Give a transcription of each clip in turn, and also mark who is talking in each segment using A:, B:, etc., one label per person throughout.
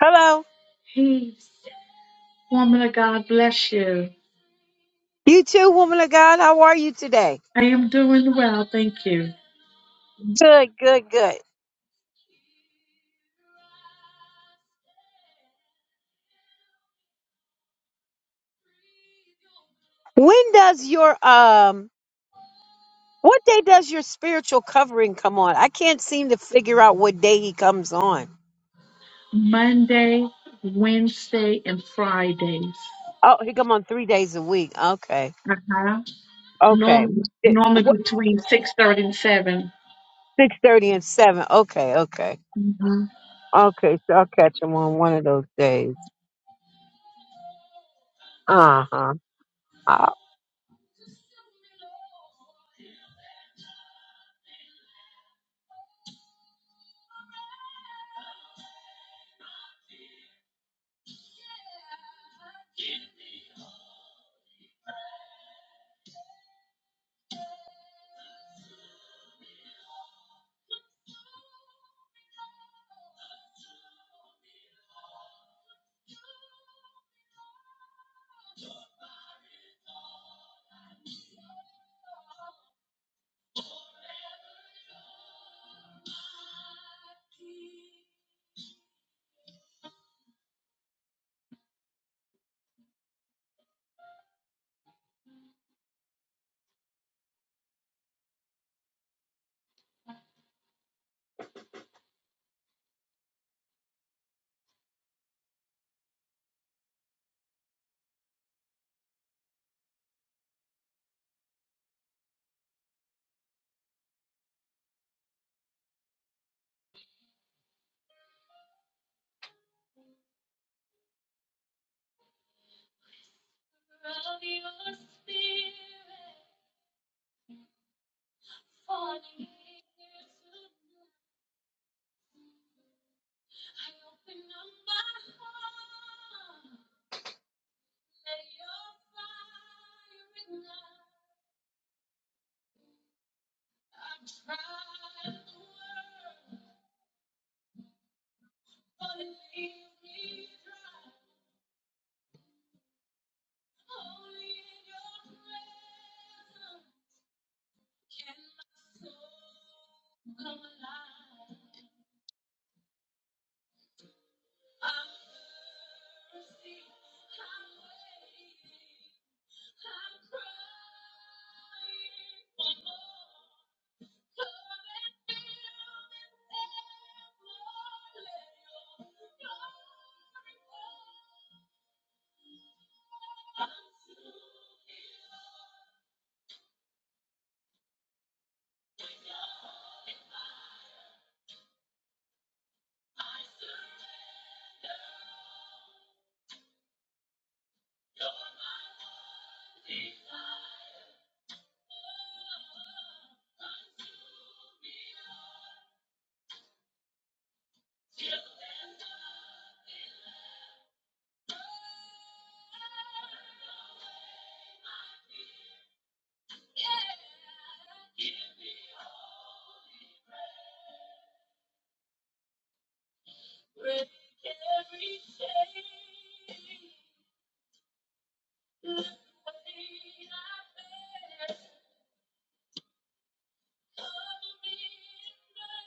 A: Hello.
B: Peace, woman of God bless you.
A: You too, woman of God. How are you today?
B: I am doing well, thank you.
A: Good, good, good. When does your um what day does your spiritual covering come on? I can't seem to figure out what day he comes on.
B: Monday, Wednesday, and Fridays.
A: Oh, he come on three days a week. Okay.
B: Uh-huh.
A: Okay.
B: Normally,
A: It-
B: normally
A: What
B: between 6.30 and 7.
A: six thirty and seven. Okay, okay.
B: Mm hmm
A: Okay, so I'll catch him on one of those days. Uh-huh.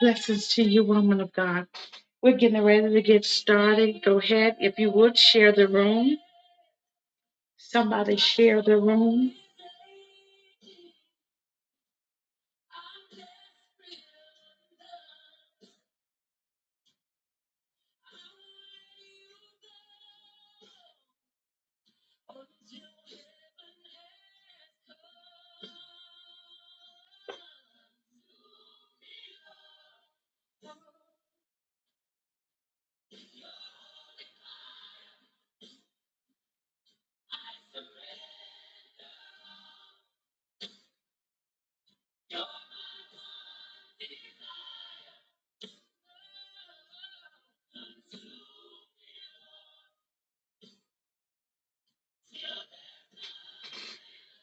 B: Blessings to you, woman of God. We're getting ready to get started. Go ahead. If you would, share the room. Somebody share the room.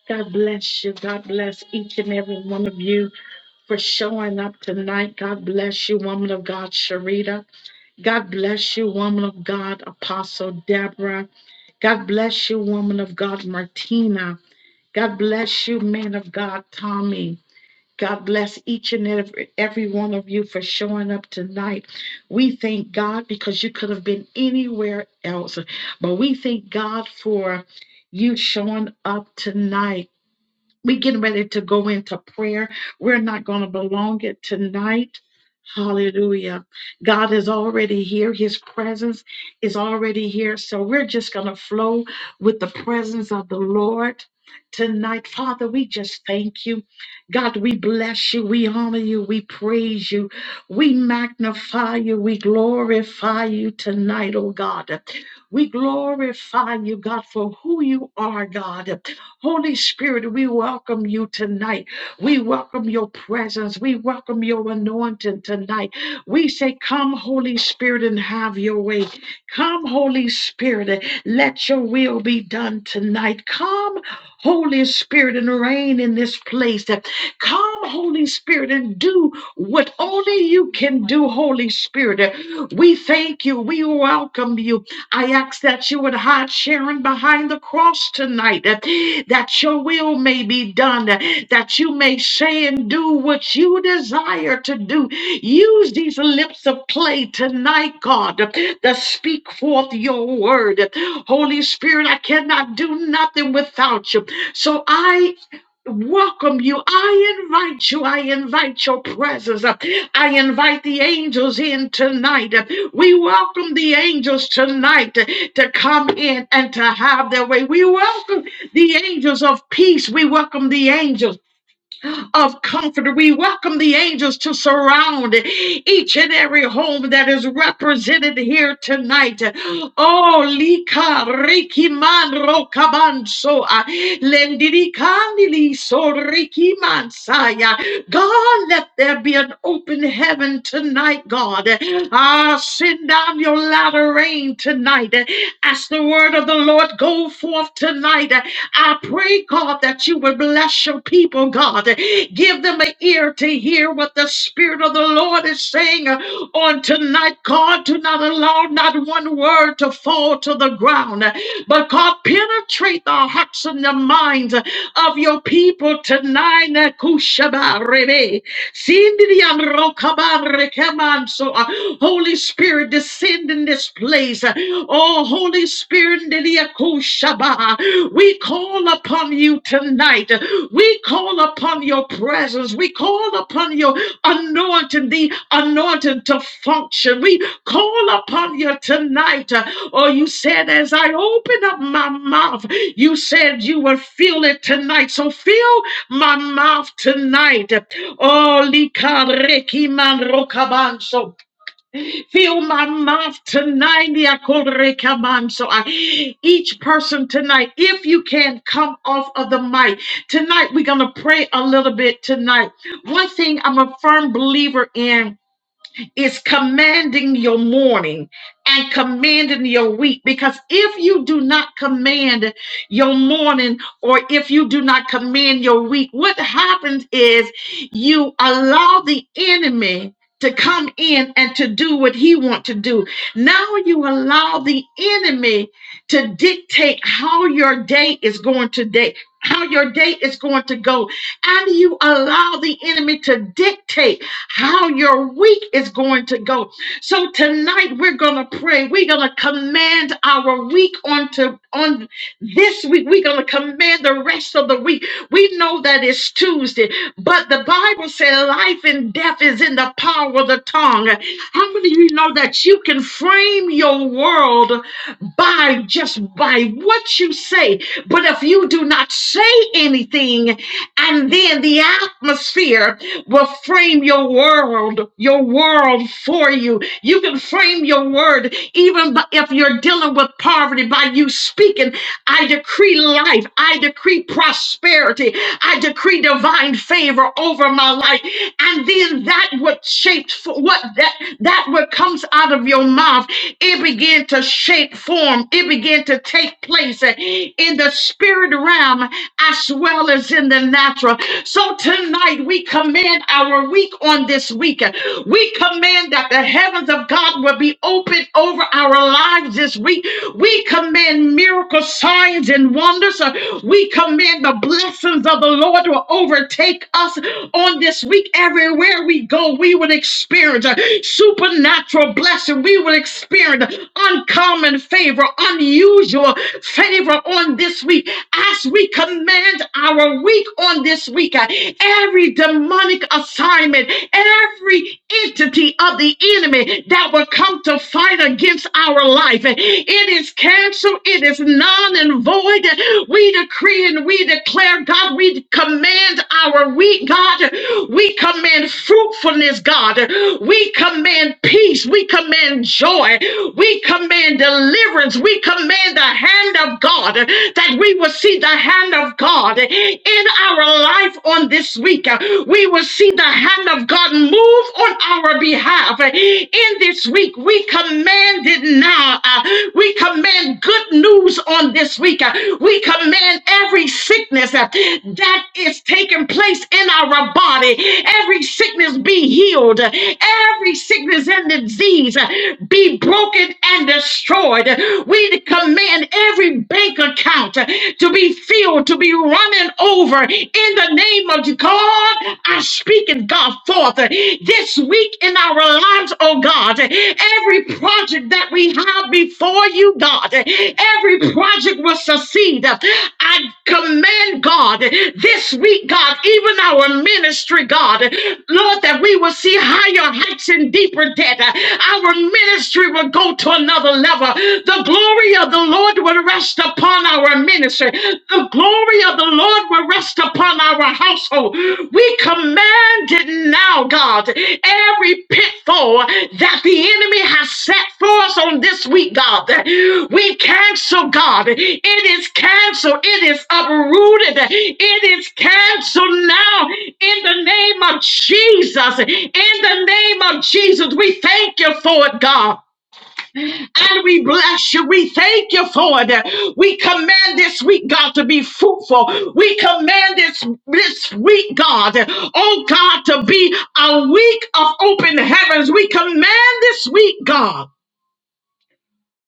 B: God bless you. God bless each and every one of you for showing up tonight. God bless you, woman of God, Sharita. God bless you, woman of God, Apostle Deborah. God bless you, woman of God, Martina. God bless you, man of God, Tommy. God bless each and every, every one of you for showing up tonight. We thank God because you could have been anywhere else, but we thank God for you showing up tonight we getting ready to go into prayer. We're not going to belong it tonight. Hallelujah. God is already here. His presence is already here. So we're just going to flow with the presence of the Lord tonight. Father, we just thank you. God, we bless you. We honor you. We praise you. We magnify you. We glorify you tonight, oh God. We glorify you, God, for who you are, God. Holy Spirit, we welcome you tonight. We welcome your presence. We welcome your anointing tonight. We say, Come, Holy Spirit, and have your way. Come, Holy Spirit, and let your will be done tonight. Come, Holy Spirit, and reign in this place. Come, Holy Spirit, and do what only you can do, Holy Spirit. We thank you. We welcome you. I ask that you would hide Sharon behind the cross tonight, uh, that your will may be done, uh, that you may say and do what you desire to do. Use these lips of clay tonight, God, uh, to speak forth your word. Holy Spirit, I cannot do nothing without you. So I welcome you. I invite you. I invite your presence. I invite the angels in tonight. We welcome the angels tonight to come in and to have their way. We welcome the angels of peace. We welcome the angels of comfort, We welcome the angels to surround each and every home that is represented here tonight. Oh, Lika Rikiman Rokabanso Lendirikandili So Rikiman Saya. God, let there be an open heaven tonight, God. Ah, send down your latter rain tonight. As the word of the Lord go forth tonight. I pray, God, that you would bless your people, God. Give them an ear to hear what the Spirit of the Lord is saying uh, on tonight, God. Do not allow not one word to fall to the ground, uh, but God, penetrate the hearts and the minds uh, of your people tonight. Nakushabarebe. Sindidiam rokaban rekeman. So, uh, Holy Spirit, descend in this place. Oh, Holy Spirit, ndidia kushaba. we call upon you tonight. We call upon your presence. We call upon your anointing, the anointing to function. We call upon you tonight. Oh, you said, as I open up my mouth, you said you will feel it tonight. So fill my mouth tonight. Oh, likareki man rokabanso. Fill my mouth tonight. liakorekamanso. I- Each person tonight, if you can come off of the mic, tonight we're going to pray a little bit tonight. One thing I'm a firm believer in is commanding your morning and commanding your week. Because if you do not command your morning or if you do not command your week, what happens is you allow the enemy to come in and to do what he wants to do. Now you allow the enemy to dictate how your day is going to day, how your day is going to go. And you allow the enemy to dictate how your week is going to go. So tonight we're going to pray. We're going to command our week onto on this week. We're going to command the rest of the week. We know that it's Tuesday, but the Bible said life and death is in the power of the tongue. How many of you know that you can frame your world by just by what you say? But if you do not say anything, and then the atmosphere will frame your world, your world for you. You can frame your word even bu- if you're dealing with poverty by you speaking, I decree life, I decree prosperity, I decree divine favor over my life and then that what shaped for what that that what comes out of your mouth it began to shape form it began to take place uh, in the spirit realm as well as in the natural so tonight we command our week on this weekend. we command that the heavens of god will be open over our lives this week we command miracle signs and wonders uh, we command command the blessings of the Lord will overtake us on this week. Everywhere we go, we will experience a supernatural blessing. We will experience uncommon favor, unusual favor on this week. As we command our week on this week, uh, every demonic assignment, every entity of the enemy that will come to fight against our life. uh, it is canceled. It is non and void. We decree and we declare, God, we command our week, God. We command fruitfulness, God. We command peace. We command joy. We command deliverance. We command the hand of God that we will see the hand of God in our life on this week. We will see the hand of God move on our behalf behalf. In this week, we command it now. Uh, We command good news on this week. Uh, We command every sickness uh, that is taking place in our body, every sickness be healed, Uh, every sickness and disease uh, be broken and destroyed. Uh, We command every bank account uh, to be filled, to be running over in the name name of God, I speak it, God, forth this week in our lives, oh God. Every project that we have before you, God, every project will succeed. I command, God, this week, God, even our ministry, God, Lord, that we will see higher heights and deeper debt. Our ministry will go to another level. The glory of the Lord will rest upon upon our ministry. The glory of the Lord will rest upon our household. We command it now, God. Every pitfall that the enemy has set for us on this week, God, we cancel, God. It is canceled. It is uprooted. It is canceled now in the name of Jesus. In the name of Jesus, we thank you for it, God and we bless you. We thank you for it. We command this week, God, to be fruitful. We command this, this week, God, oh God, to be a week of open heavens. We command this week, God.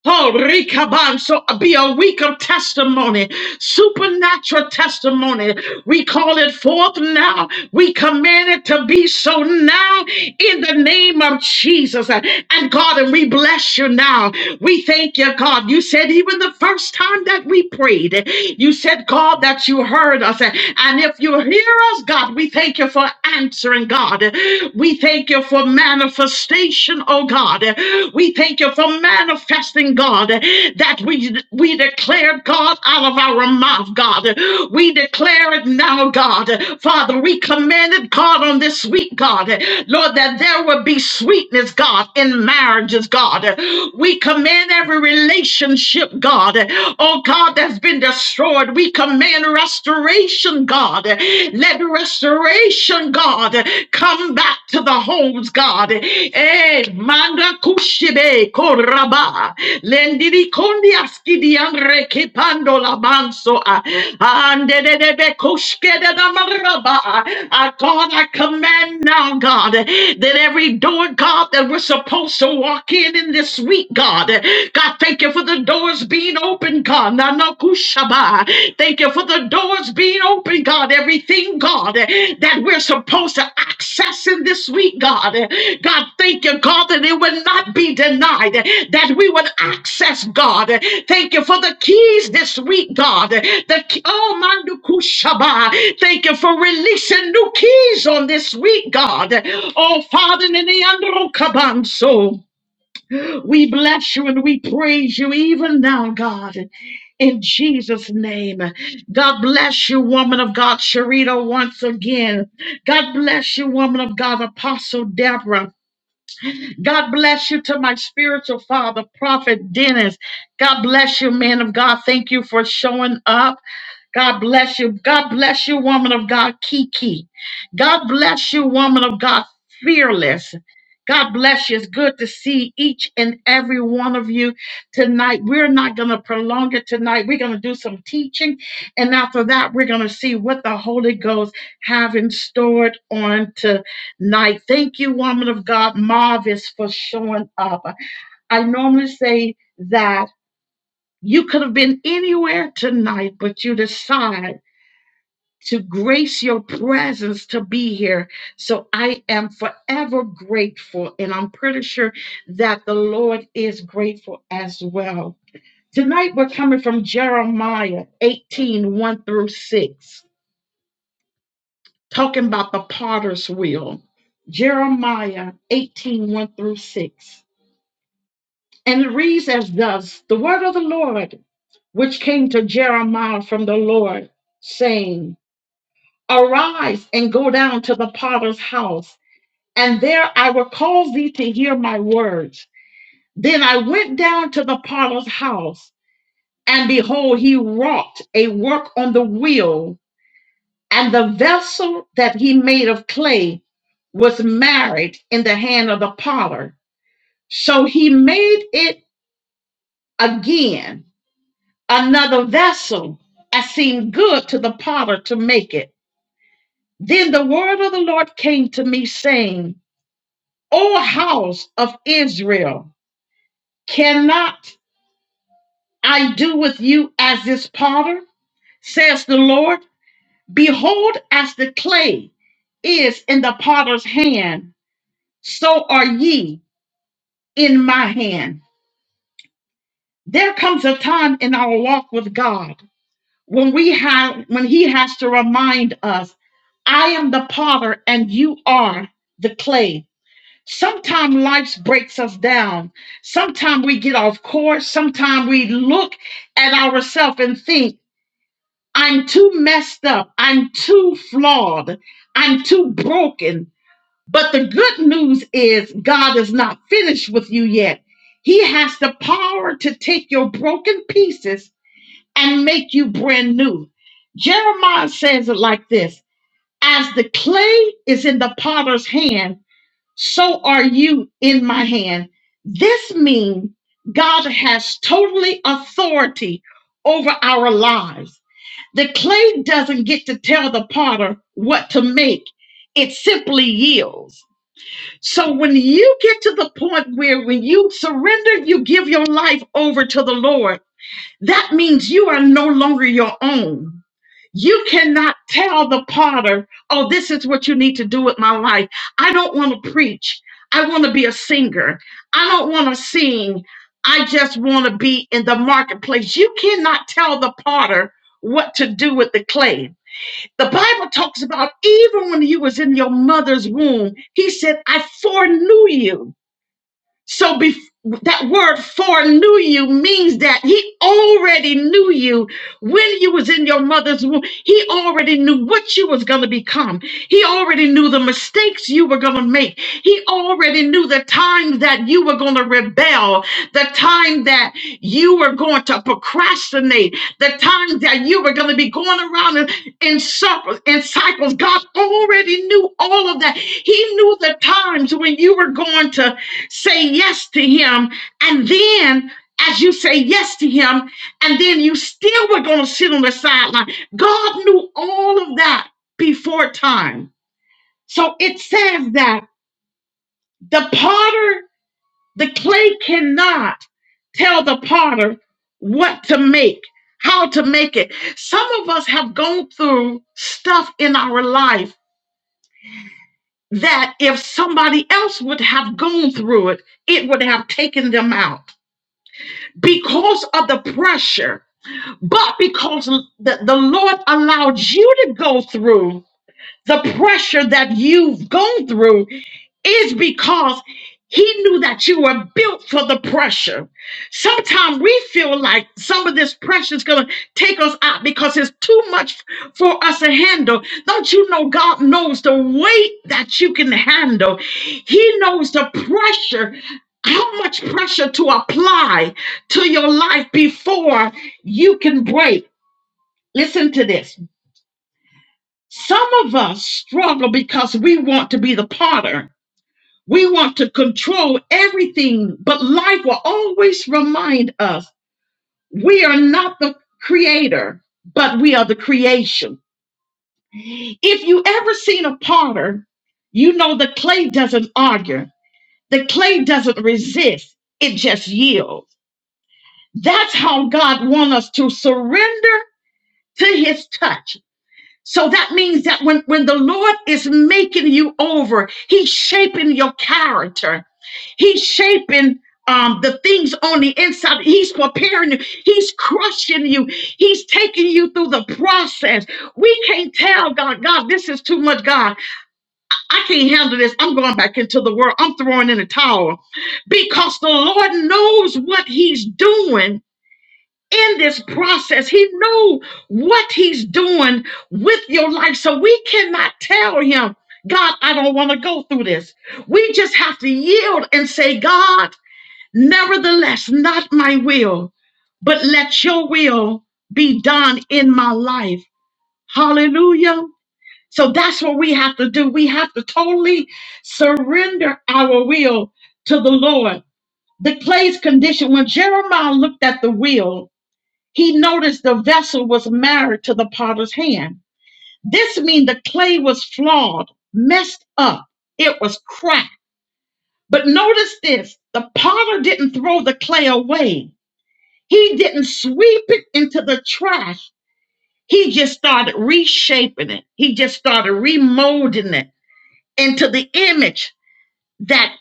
B: Oh, Rikaban, so be a week of testimony, supernatural testimony. We call it forth now. We command it to be so now in the name of Jesus. And God, and we bless you now. We thank you, God. You said even the first time that we prayed, you said, God, that you heard us. And if you hear us, God, we thank you for answering, God. We thank you for for manifestation, oh God. We thank you for manifesting, God, that we we declare God out of our mouth, God. We declare it now, God. Father, we commanded God on this week, God, Lord, that there would be sweetness, God, in marriages, God. We command every relationship, God, oh God, that's been destroyed. We command restoration, God. Let restoration, God, come back to the homes, God. Eh, manda kushibe koraba. Lendiri kondi aski di andre kepando la manso. ah. Ande de de be kushke de da maraba. Ah, God, I command now, God, that every door, God, that we're supposed to walk in in this week, God, God, thank you for the doors being open open, God. Nanakushaba. Thank you for the doors being open, God. Everything, God, that we're supposed to access in this week, God. God, thank you, God, that it will not be denied, that we would access, God. Thank you for the keys this week, God. The key- oh, Mandukushaba. Thank you for releasing new keys on this week, God. Oh, Father, in the Androkabanso. We bless you and we praise you even now, God. In Jesus' name, God bless you, woman of God, Sharita, once again. God bless you, woman of God, Apostle Deborah. God bless you to my spiritual father, Prophet Dennis. God bless you, man of God. Thank you for showing up. God bless you. God bless you, woman of God, Kiki. God bless you, woman of God, fearless. God bless you. It's good to see each and every one of you tonight. We're not going to prolong it tonight. We're going to do some teaching. And after that, we're going to see what the Holy Ghost have in stored on tonight night. Thank you, woman of God, Marvis, for showing up. I normally say that you could have been anywhere tonight, but you decide to grace your presence to be here. So I am forever grateful, and I'm pretty sure that the Lord is grateful as well. Tonight, we're coming from Jeremiah 18 one through 6. talking about the potter's wheel, Jeremiah eighteen one through 6. And it reads as thus The word of the Lord, which came to Jeremiah from the Lord, saying, Arise and go down to the potter's house, and there I will cause thee to hear my words. Then I went down to the potter's house, and behold, he wrought a work on the wheel And the vessel that he made of clay was marred in the hand of the potter. So he made it again, another vessel, as seemed good to the potter to make it. Then the word of the Lord came to me, saying, O house of Israel, cannot I do with you as this potter? Says the Lord, Behold, as the clay is in the potter's hand, so are ye in my hand. There comes a time in our walk with God when we have when he has to remind us, I am the potter and you are the clay. Sometimes life breaks us down. Sometimes we get off course. Sometimes we look at ourselves and think, I'm too messed up. I'm too flawed. I'm too broken. But the good news is God is not finished with you yet. He has the power to take your broken pieces and make you brand new. Jeremiah says it like this As the clay is in the potter's hand, so are you in my hand. This means God has totally authority over our lives. The clay doesn't get to tell the potter what to make, it simply yields so when you get to the point where when you surrender, you give your life over to the Lord, that means you are no longer your own. You cannot tell the potter, oh, this is what you need to do with my life. I don't want to preach. I want to be a singer. I don't want to sing. I just want to be in the marketplace. You cannot tell the potter what to do with the clay the Bible talks about even when you was in your mother's womb, he said, I foreknew you. So be, that word foreknew you means that he already knew you when you was in your mother's womb. He already knew what you was going to become. He already knew the mistakes you were going to make. He already knew the time that you were going to rebel, the time that you were going to procrastinate, the time that you were going to be going around in, in circles, in cycles. God already knew all of that. He knew the times when you were going to say yes to him and then as you say yes to him and then you still were going to sit on the sideline god knew all of that before time so it says that the potter the clay cannot tell the potter what to make how to make it some of us have gone through stuff in our life that if somebody else would have gone through it it would have taken them out because of the pressure, but because the, the Lord allowed you to go through the pressure that you've gone through is because he knew that you were built for the pressure. Sometimes we feel like some of this pressure is going to take us out because it's too much for us to handle. Don't you know God knows the weight that you can handle? He knows the pressure, how much pressure to apply to your life before you can break. Listen to this. Some of us struggle because we want to be the potter we want to control everything, but life will always remind us we are not the creator, but we are the creation. If you ever seen a potter, you know the clay doesn't argue, the clay doesn't resist, it just yields. That's how God wants us to surrender to his touch. So that means that when, when the Lord is making you over, he's shaping your character. He's shaping um, the things on the inside. He's preparing you. He's crushing you. He's taking you through the process. We can't tell God, God, this is too much, God. I can't handle this. I'm going back into the world. I'm throwing in a towel because the Lord knows what He's doing. In this process, he knows what he's doing with your life. So we cannot tell him, God, I don't want to go through this. We just have to yield and say, God, Nevertheless, not my will, but let your will be done in my life. Hallelujah. So that's what we have to do. We have to totally surrender our will to the Lord. The clay's condition, when Jeremiah looked at the wheel, he noticed the vessel was married to the potter's hand. This means the clay was flawed, messed up, it was cracked. But notice this the potter didn't throw the clay away He didn't sweep it into the trash. He just started reshaping it. He just started remolding it into the image that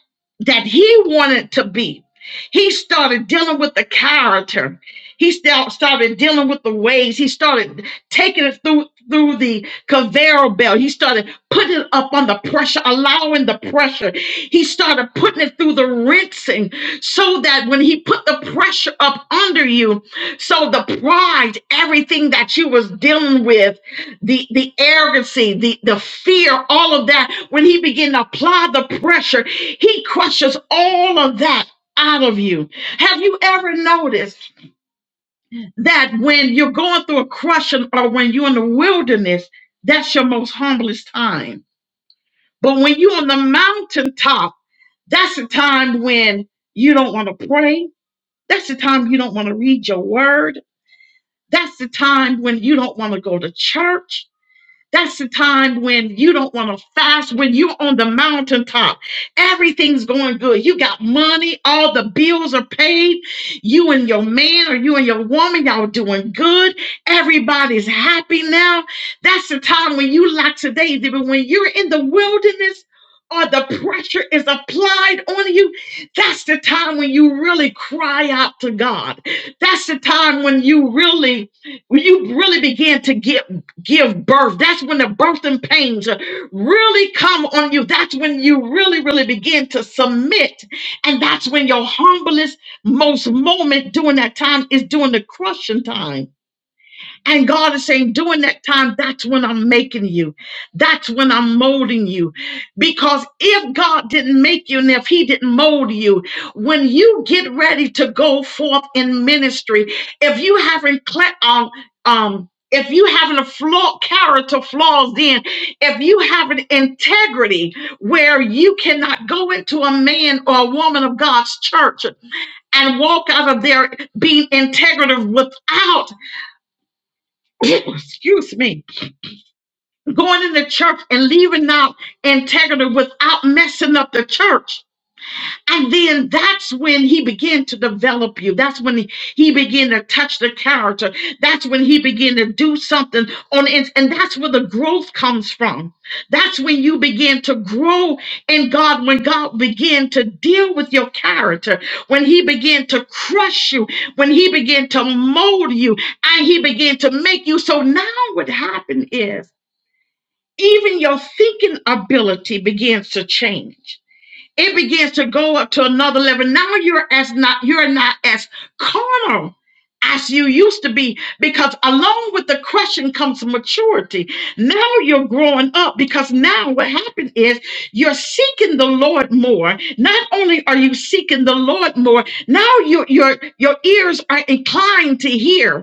B: that he wanted to be. He started dealing with the character. He sta- started dealing with the ways. He started taking it through through the conveyor belt. He started putting it up under pressure, allowing the pressure. He started putting it through the rinsing so that when he put the pressure up under you, so the pride, everything that you was dealing with, the the arrogancy, the the fear, all of that, when he began to apply the pressure, he crushes all of that out of you. Have you ever noticed that when you're going through a crushing or when you're in the wilderness, that's your most humblest time? But when you're on the mountaintop, that's the time when you don't want to pray. That's the time you don't want to read your word. That's the time when you don't want to go to church. That's the time when you don't want to fast, when you're on the mountaintop. Everything's going good. You got money, all the bills are paid. You and your man or you and your woman, y'all doing good. Everybody's happy now. That's the time when you lack today. But when you're in the wilderness, or the pressure is applied on you, that's the time when you really cry out to God. That's the time when you really, when you really begin to get give birth. That's when the birthing pains uh, really come on you. That's when you really, really begin to submit. And that's when your humblest, most moment during that time is during the crushing time and God is saying, during that time, that's when I'm making you. That's when I'm molding you. Because if God didn't make you and if He didn't mold you, when you get ready to go forth in ministry, if you haven't, cle- um, um, if you haven't a flaw, character flaws in, if you have an integrity where you cannot go into a man or a woman of God's church and walk out of there being integrative without excuse me, going into church and leaving out integrity without messing up the church. And then that's when he began to develop you. That's when he, he began to touch the character. That's when he began to do something on it. And that's where the growth comes from. That's when you begin to grow in God, when God began to deal with your character, when he began to crush you, when he began to mold you, and he began to make you. So now what happened is even your thinking ability begins to change it begins to go up to another level. Now you're as not you're not as carnal as you used to be because along with the crushing comes maturity. Now you're growing up because now what happened is you're seeking the Lord more. Not only are you seeking the Lord more, now your your your ears are inclined to hear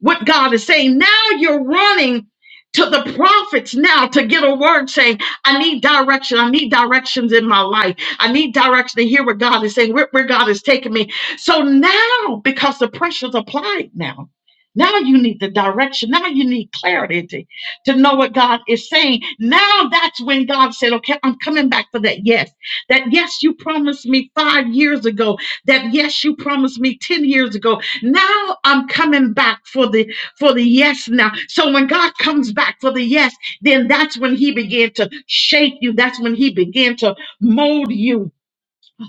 B: what God is saying. Now you're running to the prophets now to get a word saying, I need direction. I need directions in my life. I need direction to hear what God is saying, where, where God is taking me. So now, because the pressure's applied now, now you need the direction. Now you need clarity to, to know what God is saying. Now that's when God said, okay, I'm coming back for that yes. That yes you promised me five years ago. That yes you promised me 10 years ago now I'm coming back for the for the yes now. So when God comes back for the yes, then that's when he began to shape you. That's when he began to mold you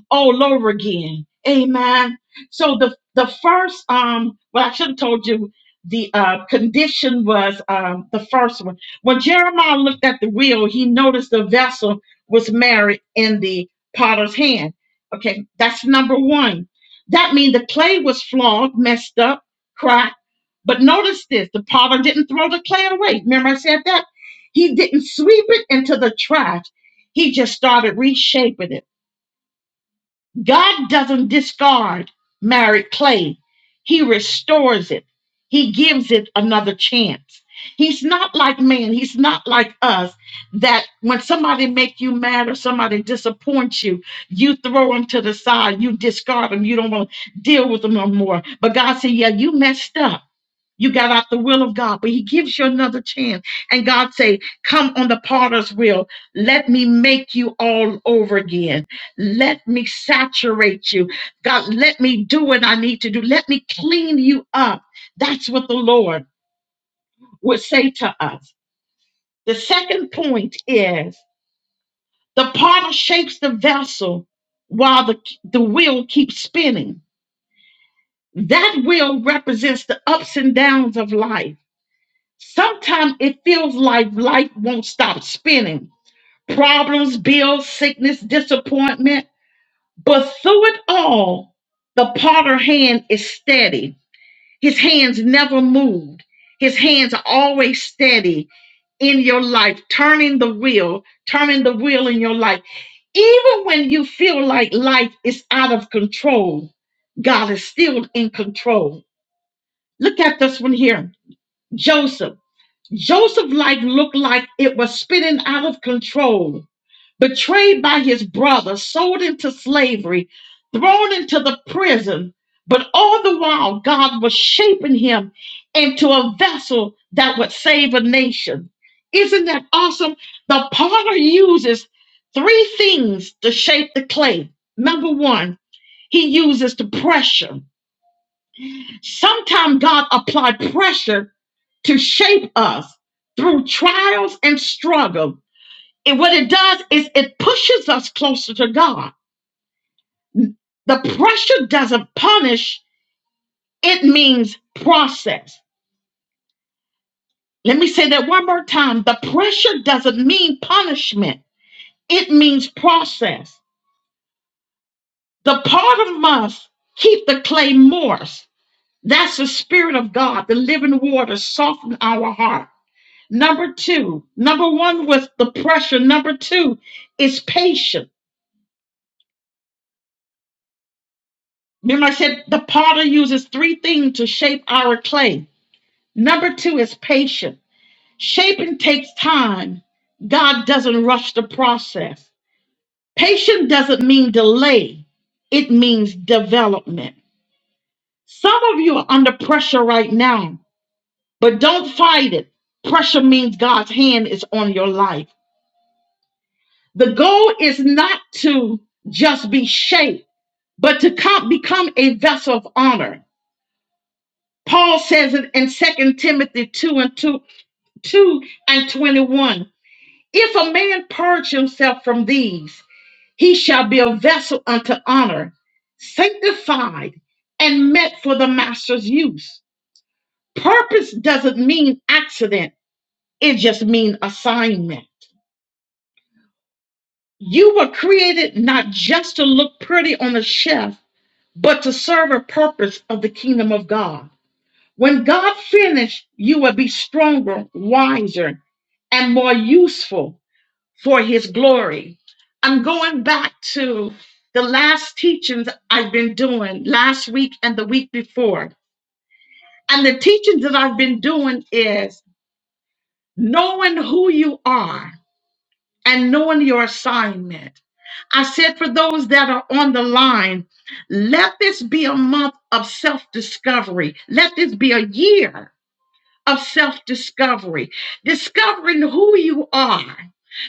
B: all over again. Amen. So the the first um well I should have told you the uh condition was um the first one. When Jeremiah looked at the wheel, he noticed the vessel was married in the potter's hand. Okay, that's number one. That means the clay was flawed, messed up, cracked. But notice this the potter didn't throw the clay away. Remember, I said that? He didn't sweep it into the trash. He just started reshaping it. God doesn't discard married clay, He restores it, He gives it another chance. He's not like man, He's not like us that when somebody make you mad or somebody disappoints you, you throw them to the side, you discard them, you don't want to deal with them no more. But God said, Yeah, you messed up. You got out the will of God, but he gives you another chance. And God say, come on the potter's wheel. Let me make you all over again. Let me saturate you. God, let me do what I need to do. Let me clean you up. That's what the Lord would say to us. The second point is the potter shapes the vessel while the, the wheel keeps spinning. That wheel represents the ups and downs of life Sometimes it feels like life won't stop spinning. Problems, bills, sickness, disappointment. But through it all, the potter hand is steady. His hands never moved. His hands are always steady in your life, turning the wheel, turning the wheel in your life. Even when you feel like life is out of control, God is still in control. Look at this one here Joseph. Joseph's life looked like it was spinning out of control, betrayed by his brother, sold into slavery, thrown into the prison. But all the while, God was shaping him into a vessel that would save a nation. Isn't that awesome? The potter uses three things to shape the clay. Number one, he uses the pressure. Sometimes God applied pressure to shape us through trials and struggle. And what it does is it pushes us closer to God. The pressure doesn't punish, it means process. Let me say that one more time. The pressure doesn't mean punishment, it means process. The part of us keep the clay moist. That's the spirit of God, the living water, soften our heart. Number two, number one was the pressure. Number two is patience Remember, I said the potter uses three things to shape our clay. Number two is patience. Shaping takes time. God doesn't rush the process. Patience doesn't mean delay, it means development. Some of you are under pressure right now, but don't fight it. Pressure means God's hand is on your life. The goal is not to just be shaped, but to come, become a vessel of honor. Paul says it in Second Timothy 2 and 2, 2 and 21. If a man purge himself from these, he shall be a vessel unto honor, sanctified and met for the master's use. Purpose doesn't mean accident, it just means assignment. You were created not just to look pretty on a shelf, but to serve a purpose of the kingdom of God. When God finished, you will be stronger, wiser, and more useful for his glory. I'm going back to the last teachings I've been doing last week and the week before. And the teachings that I've been doing is knowing who you are and knowing your assignment. I said for those that are on the line, let this be a month of self discovery. Let this be a year of self discovery, discovering who you are,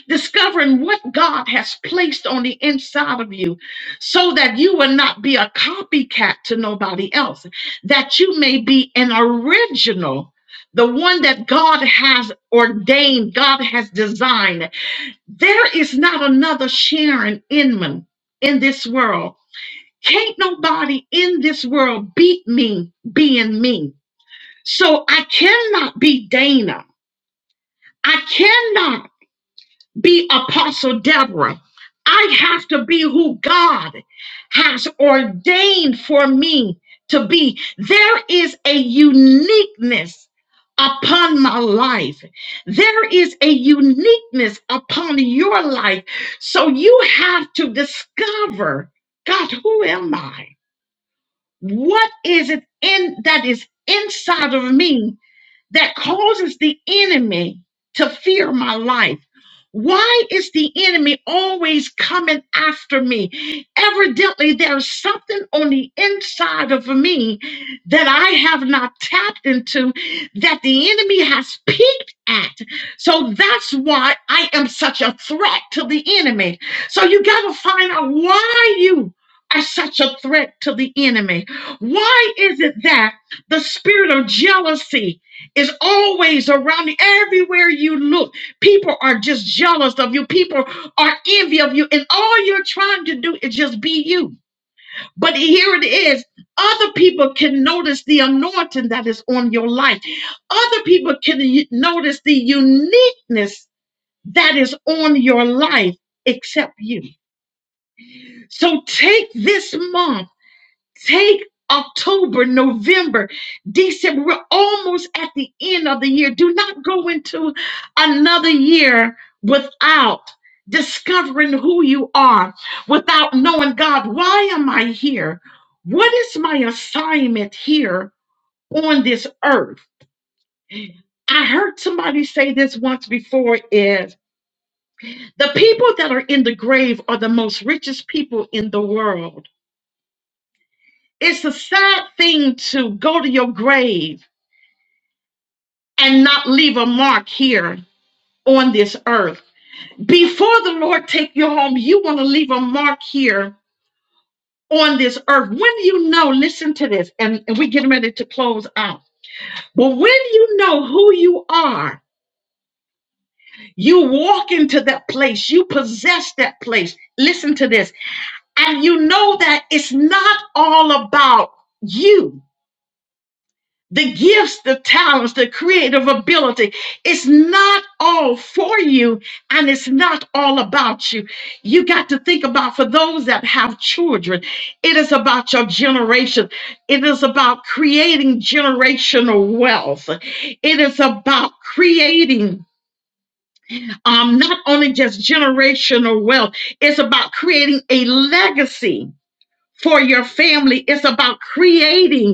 B: discovering what God has placed on the inside of you so that you will not be a copycat to nobody else, that you may be an original. The one that God has ordained, God has designed. There is not another Sharon Inman in this world. Can't nobody in this world beat me being me. So I cannot be Dana. I cannot be Apostle Deborah. I have to be who God has ordained for me to be. There is a uniqueness upon my life. There is a uniqueness upon your life. So you have to discover God, who am I? What is it in that is inside of me that causes the enemy to fear my life? Why is the enemy always coming after me? Evidently, there's something on the inside of me that I have not tapped into that the enemy has peeked at. So that's why I am such a threat to the enemy. So you got to find out why you are such a threat to the enemy. Why is it that the spirit of jealousy? is always around you. Everywhere you look, people are just jealous of you. People are envy of you. And all you're trying to do is just be you. But here it is. Other people can notice the anointing that is on your life. Other people can y- notice the uniqueness that is on your life except you. So take this month Take October, November, December. We're almost at the end of the year. Do not go into another year without discovering who you are, without knowing God, why am I here? What is my assignment here on this earth? I heard somebody say this once before is the people that are in the grave are the most richest people in the world. It's a sad thing to go to your grave and not leave a mark here on this earth. Before the Lord take you home, you want to leave a mark here on this earth. When you know, listen to this, and, and we getting ready to close out. But when you know who you are, you walk into that place, you possess that place. Listen to this, and you know that it's not all about you the gifts, the talents, the creative ability. It's not all for you and it's not all about you. You got to think about for those that have children, it is about your generation. It is about creating generational wealth. It is about creating um, not only just generational wealth, it's about creating a legacy for your family. It's about creating.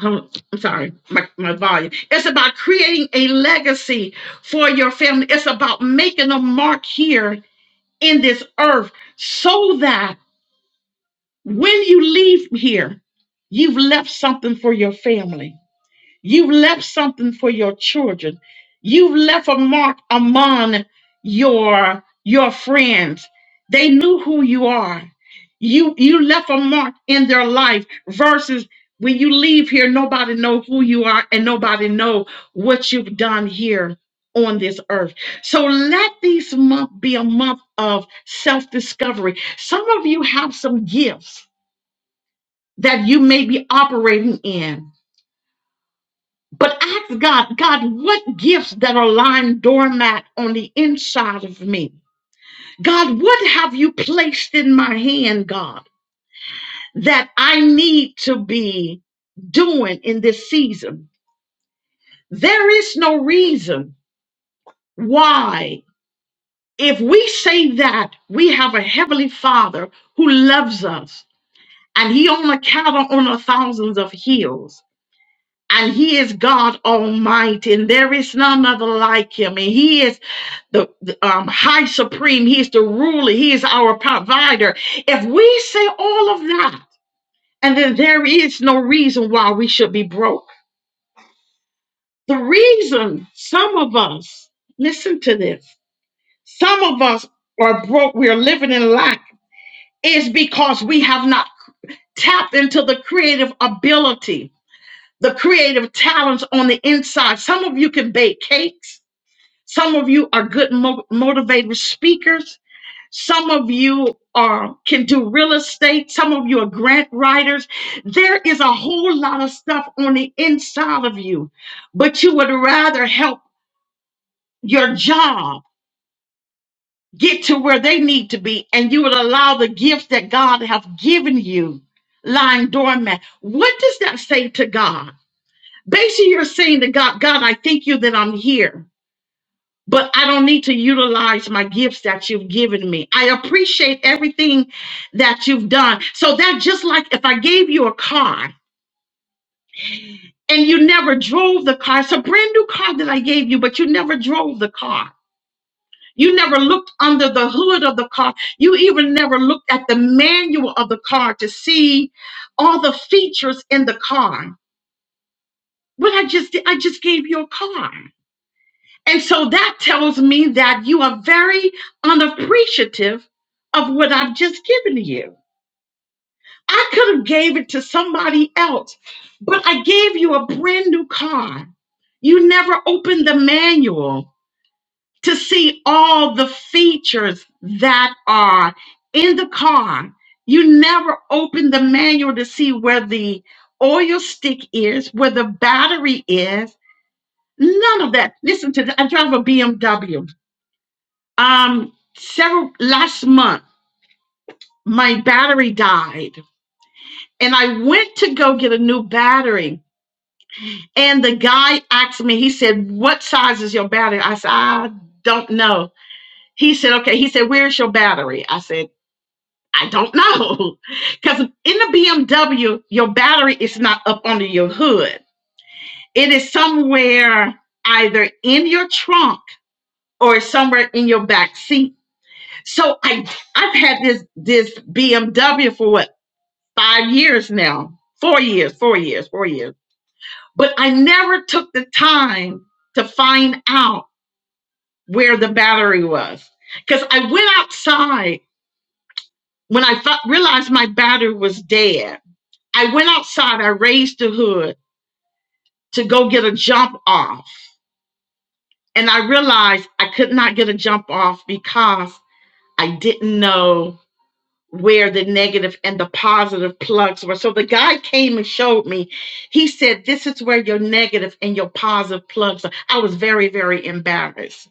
B: Hold- I'm sorry, my, my volume. It's about creating a legacy for your family. It's about making a mark here in this earth so that when you leave here, you've left something for your family. You've left something for your children. You've left a mark among your your friends. They knew who you are. You you left a mark in their life versus when you leave here nobody know who you are and nobody know what you've done here on this earth. So let these month be a month of self-discovery. Some of you have some gifts that you may be operating in but ask God, God, what gifts that are lying doormat on the inside of me? God, what have you placed in my hand, God, that I need to be doing in this season? There is no reason why, if we say that we have a heavenly Father who loves us and he on a cattle on a thousands of hills, and he is God Almighty, and there is none other like him. And he is the, the, um, high supreme, he is the ruler, he is our provider. If we say all of that, and then there is no reason why we should be broke. The reason some of us, listen to this, some of us are broke, we are living in lack, is because we have not tapped into the creative ability, the creative talents on the inside. Some of you can bake cakes. Some of you are good mo- motivated speakers. Some of you are can do real estate. Some of you are grant writers. There is a whole lot of stuff on the inside of you, but you would rather help your job get to where they need to be, and you would allow the gifts that God has given you lying dormant. What does that say to God? Basically, you're saying to God, God, I thank you that I'm here. but I don't need to utilize my gifts that you've given me. I appreciate everything that you've done. So that just like if I gave you a car and you never drove the car, it's a brand new car that I gave you, but you never drove the car. You never looked under the hood of the car. You even never looked at the manual of the car to see all the features in the car. But I just I just gave you a car. And so that tells me that you are very unappreciative of what I've just given to you. I could have gave it to somebody else, but I gave you a brand new car. You never opened the manual to see all the features that are in the car. You never opened the manual to see where the oil stick is, where the battery is. None of that. Listen to that. I drive a BMW. um several last month my battery died and i went to go get a new battery and the guy asked me he said what size is your battery i said i don't know he said okay he said where's your battery i said i don't know because in the bmw your battery is not up under your hood it is somewhere either in your trunk or somewhere in your back seat so i I've had this this BMW for what five years now, four years, four years, four years. But I never took the time to find out where the battery was. Because I went outside when I fi- realized my battery was dead. I went outside, I raised the hood to go get a jump off. And I realized I could not get a jump off because I didn't know where the negative and the positive plugs were. So the guy came and showed me. He said, This is where your negative and your positive plugs are. I was very, very embarrassed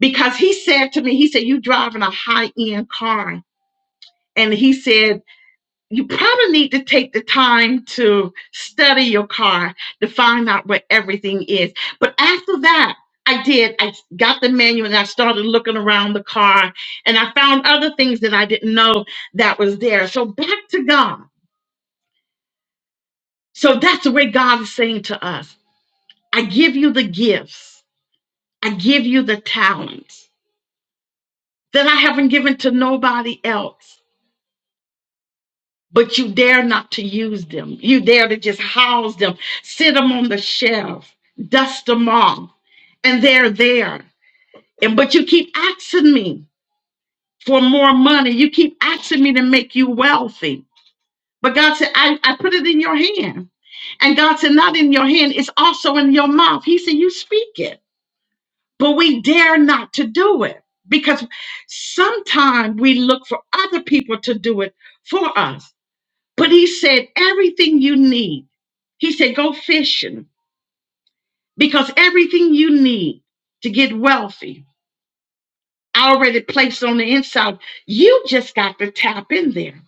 B: because he said to me, He said, You driving a high end car. And he said, you probably need to take the time to study your car to find out where everything is. But after that, I did. I got the manual and I started looking around the car and I found other things that I didn't know that was there. So back to God. So that's the way God is saying to us I give you the gifts, I give you the talents that I haven't given to nobody else. but you dare not to use them. You dare to just house them, sit them on the shelf, dust them off, and they're there. And but you keep asking me for more money. You keep asking me to make you wealthy. But God said, I, I put it in your hand. And God said, not in your hand, it's also in your mouth. He said, You speak it. But we dare not to do it because sometimes we look for other people to do it for us but he said, everything you need. He said, go fishing because everything you need to get wealthy, I already placed on the inside. You just got to tap in there.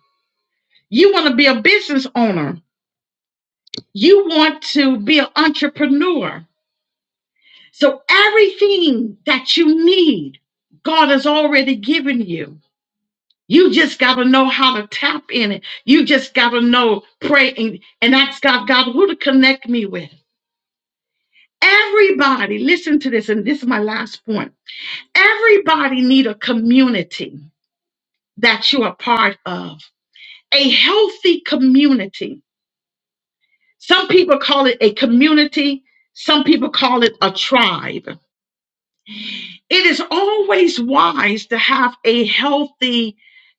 B: You want to be a business owner, you want to be an entrepreneur. So, everything that you need, God has already given you. You just got to know how to tap in it. You just got to know, pray, and, and ask God, God, who to connect me with. Everybody, listen to this, and this is my last point. Everybody need a community that you're a part of, a healthy community. Some people call it a community, some people call it a tribe. It is always wise to have a healthy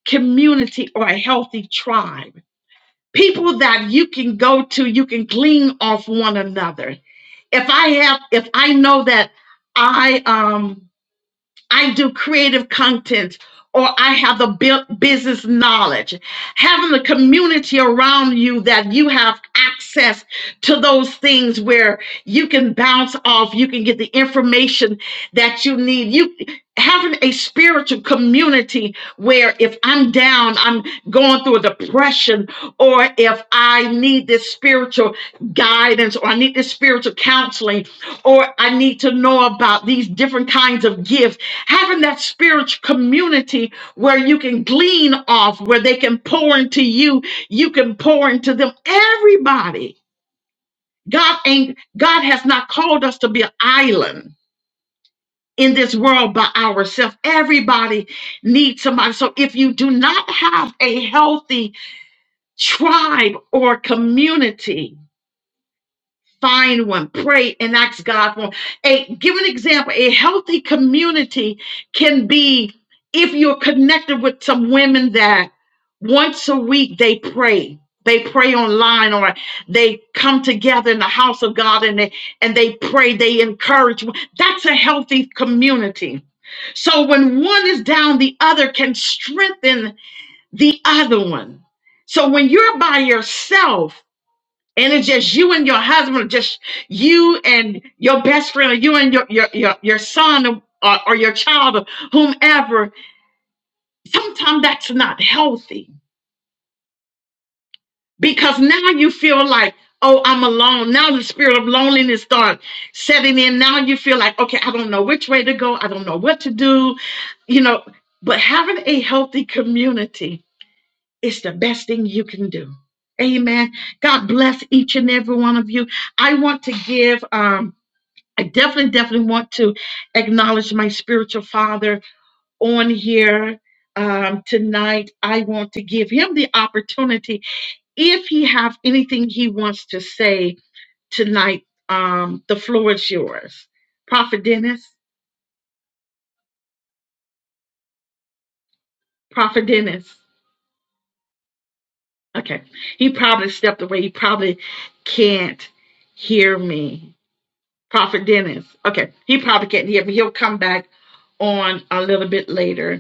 B: community or a healthy tribe. People that you can go to, you can glean off one another. If I have, if I know that I um I do creative content or I have the bu- business knowledge. Having the community around you that you have access to those things where you can bounce off, you can get the information that you need. You having a spiritual community where if I'm down, I'm going through a depression or if I need this spiritual guidance or I need this spiritual counseling or I need to know about these different kinds of gifts having that spiritual community where you can glean off, where they can pour into you, you can pour into them. Everybody, God ain't God has not called us to be an island in this world by ourselves. Everybody needs somebody. So if you do not have a healthy tribe or community, Find one, pray, and ask God for. A give an example. A healthy community can be if you're connected with some women that once a week they pray. They pray online or they come together in the house of God and they and they pray, they encourage. one. That's a healthy community. So when one is down, the other can strengthen the other one. So when you're by yourself, and it's just you and your husband, or just you and your best friend, or you and your your your, your son or, or your child or whomever, sometimes that's not healthy because now you feel like, oh, I'm alone. Now the spirit of loneliness starts setting in. Now you feel like, okay, I don't know which way to go. I don't know what to do. You know, but having a healthy community is the best thing you can do. Amen. God bless each and every one of you. I want to give um I definitely, definitely want to acknowledge my spiritual father on here um, tonight. I want to give him the opportunity. If he have anything he wants to say tonight, um, the floor is yours. Prophet Dennis, Prophet Dennis. Okay. He probably stepped away. He probably can't hear me. Prophet Dennis. Okay. He probably can't hear me. He'll come back on a little bit later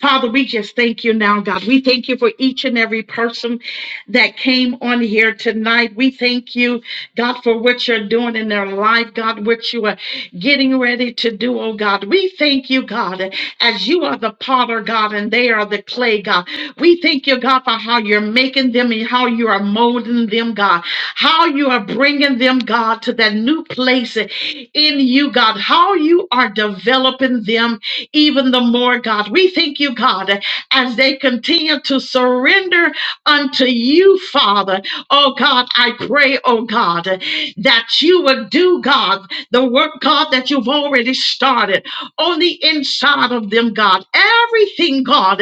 B: Father, we just thank you now, God. We thank you for each and every person that came on here tonight. We thank you, God, for what you're doing in their life, God, what you are getting ready to do, oh God. We thank you, God, as you are the potter, God, and they are the clay, God. We thank you, God, for how you're making them and how you are molding them, God, how you are bringing them, God, to that new place in you, God, how you are developing them even the more, God. We thank you, God, as they continue to surrender unto you, Father. Oh, God, I pray, oh, God, that you would do, God, the work, God, that you've already started on the inside of them, God. Everything, God,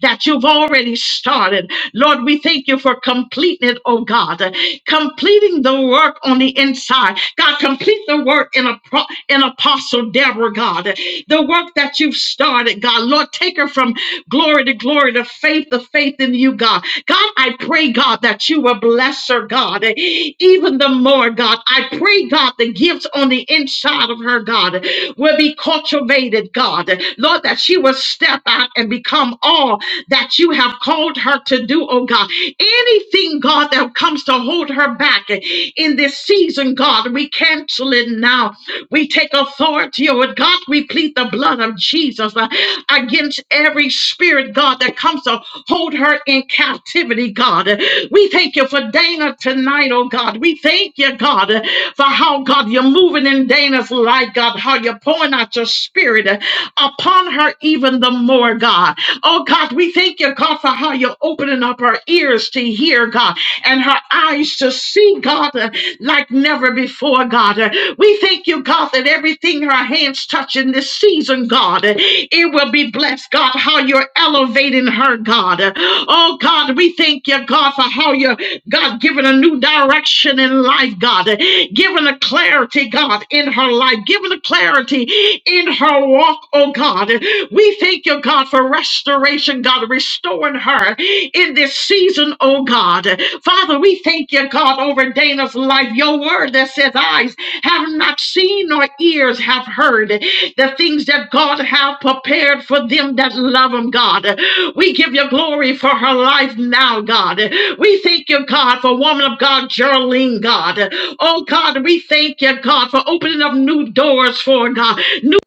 B: that you've already started. Lord, we thank you for completing it, oh, God, completing the work on the inside. God, complete the work in a pro in Apostle Deborah, God. The work that you've started, God. Lord, take her from glory to glory to faith to faith in you, God. God, I pray, God, that you will bless her, God, even the more, God. I pray, God, the gifts on the inside of her, God, will be cultivated, God. Lord, that she will step out and become all that you have called her to do, oh God. Anything, God, that comes to hold her back in this season, God, we cancel it now we take authority over it. God. We plead the blood of Jesus uh, against every spirit, God, that comes to hold her in captivity, God. We thank you for Dana tonight, oh God. We thank you, God, uh, for how, God, you're moving in Dana's life, God, how you're pouring out your spirit uh, upon her even the more, God. Oh God, we thank you, God, for how you're opening up her ears to hear, God and her eyes to see, God, uh, like never before, God. Uh, We thank you, God, that everything her hands touch in this season, God, uh, it will be blessed, God, how you're elevating her, God. Uh, Oh, God, we thank you, God, for how you're, God, giving a new direction in life, God, uh, giving a clarity, God, in her life, giving a clarity in her walk, oh, God. Uh, We thank you, God, for restoration, God, restoring her her in this season, oh God. Father, we thank you, God, over Dana's life. Your word that says, eyes have not seen nor ears have heard the things that God have prepared for them that love him, God. We give you glory for her life now, God. We thank you, God, for woman of God, Geraldine, God. Oh, God, we thank you, God, for opening up new doors for her, God, new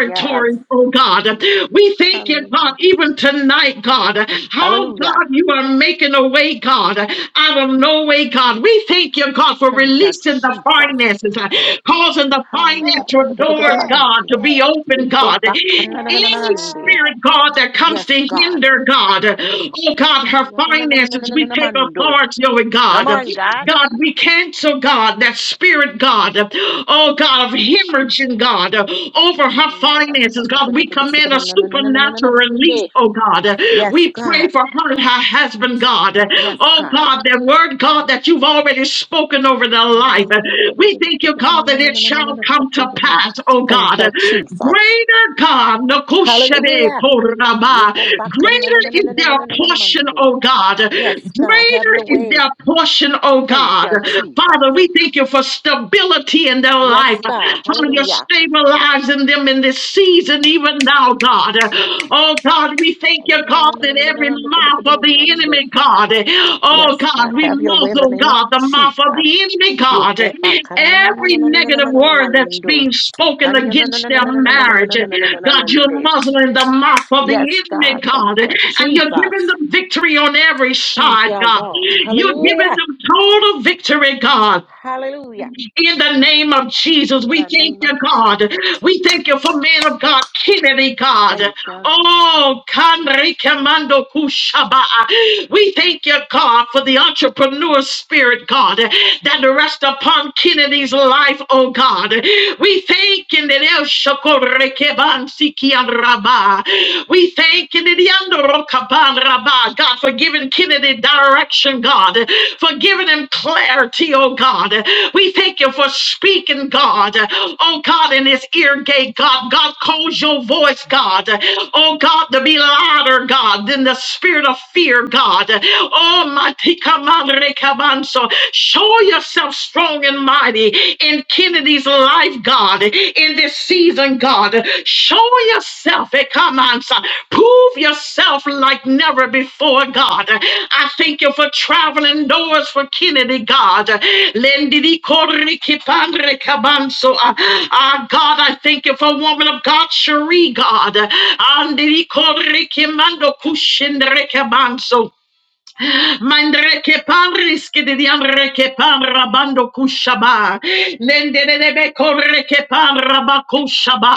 C: Yes,
B: oh, God. We thank you dear God,
C: hallelujah,
B: even tonight, God, how
C: hallelujah.
B: God, you are making a way, God, out of no way, God. We thank you, God, for
C: Thank you,
B: releasing the
C: Jesus.
B: finances, uh, causing the
C: Hi,
B: financial doors, God, to be open,
C: Ico
B: God.
C: back.
B: Any spirit, God, that comes to
C: Yes, God.
B: hinder, God, oh God, her finances, we take authority over
C: Come
B: God.
C: on, God.
B: God, we cancel, God, that spirit, God, oh
C: Yes,
B: God, of
C: God.
B: hemorrhaging, God, over her finances, God. We command a supernatural release, oh God.
C: Yes,
B: We pray for her and her husband, God. Oh
C: God.
B: God, that word, God, that you've already spoken over their life. We thank you, God, that it shall come to pass, oh
C: Thank
B: God.
C: you, Jesus.
B: Greater God, Nokoshebe
C: Hallelujah.
B: Koraba.
C: Ico back.
B: greater is their portion, oh God.
C: Yes, God, have
B: Greater
C: your
B: is
C: way.
B: their portion, oh
C: Thank
B: God.
C: you, Jesus.
B: Father, we thank you for stability in their
C: Yes,
B: life.
C: God,
B: How you're
C: hallelujah.
B: stabilizing them in this season, even now, God. Oh, God, we thank you, God, that every mouth of the enemy, God. Oh,
C: Yes,
B: God,
C: God,
B: we
C: have your way in the
B: muzzle,
C: name of
B: God, the mouth of
C: Jesus.
B: the enemy, God. Every negative word that's being spoken against their marriage, God, you're muzzling the mouth of the
C: Yes,
B: enemy,
C: God, thank
B: God.
C: you,
B: And you're giving
C: Jesus.
B: them victory on every
C: Thank
B: side,
C: you,
B: God.
C: God.
B: You're giving
C: Hallelujah.
B: them total victory, God.
C: Hallelujah.
B: In the name of Jesus,
C: In
B: we
C: the
B: thank
C: name of
B: you,
C: Jesus.
B: God. We thank you for man of God, Kennedy, God.
C: Thank you.
B: Oh, Kanri Kamando Kushaba. We thank you, God, for the entrepreneur spirit, God, that rests upon Kennedy's life, oh God. We thank you, that El Shakor Rekeban Sikian Rabba. We thank you, God, for giving Kennedy direction, God, for giving him clarity, oh God. We thank you for speaking, God. Oh God, in his ear gate, God. God calls your voice, God. Oh God, to be louder, God, than the spirit of fear, God. Oh Matika Madre Cabanzo, show yourself strong and mighty in Kennedy's life life, God, in this season, God. Show yourself, eh, come on, son. Prove yourself like never before, God. I thank you for traveling doors for Kennedy, God. Lendidi korri kipandre kabanso. Ah, ah, God, I thank you for woman of God, Cherie, God. Andidi korri kimando kushindre kabanso. Mandre che parris che de diamre che parra bando kushaba. Lende de debe corre che parra ba kushaba.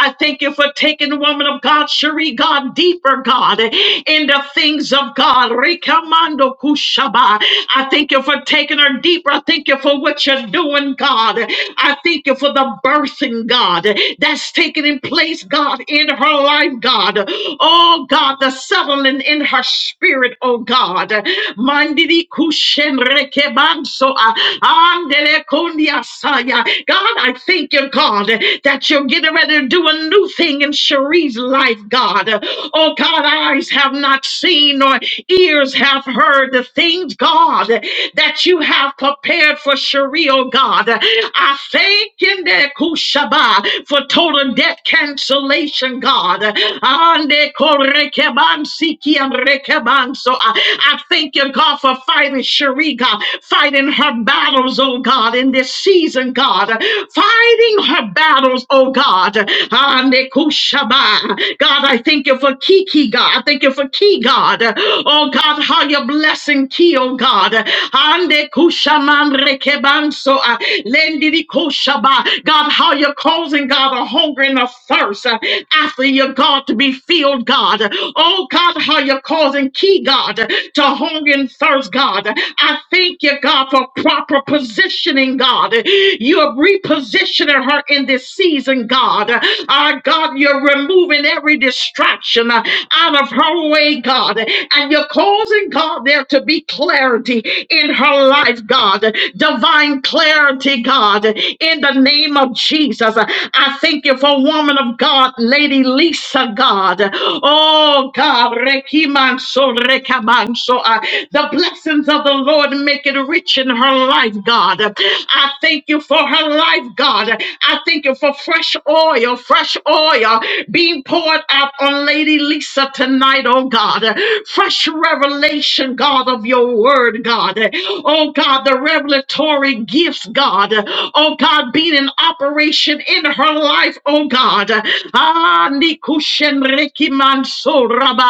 B: I thank you for taking the woman of God, Cherie God, deeper God, in the things of God. Rikamando kushaba. I thank you for taking her deeper. I thank you for what you're doing, God. I thank you for the birthing, God, that's taking place, God, in her life, God. Oh, God, the settling in her spirit, oh God. Mandidi kushen rekebanso ah, andele kondia saya. God, I thank you, God, that you're getting ready to do a new thing in Cherie's life, God. Oh God, eyes have not seen nor ears have heard the things, God, that you have prepared for Cherie, oh God. I thank you, the Kushaba for total debt cancellation, God. Ande Siki and Rekebanso. I thank you, God, for fighting Cherie, God, fighting her battles, oh God, in this season, God, fighting her battles, oh God. Ah, Nekushaba. God, I thank you for Kiki, God. I thank you for Ki, God. Oh God, how you're blessing Ki, oh God. Ah, Nekushaman Rekebanso. Ah, Lendidikushaba. God, how you're causing, God, a hunger and a thirst ah, after your God to be filled, God. God. Oh God, how you're causing key, God, to hunger and thirst, God. I thank you, God, for proper positioning, God. You are repositioning her in this season, God. Our God, you're removing every distraction uh, out of her way, God. And you're causing, God, there to be clarity in her life, God. Divine clarity, God, in the name of Jesus. I thank you for woman of God, Lady Lisa, of God. Oh God, rekimanso, rekamanso. Uh, The blessings of the Lord make it rich in her life, God. I thank you for her life, God. I thank you for fresh oil, fresh oil being poured out on Lady Lisa tonight, oh God. Fresh revelation, God, of your word, God. Oh God, the revelatory gifts, God. Oh God, being in operation in her life, oh God. Ah, Ah, Nikushen Reki Manso Rabba.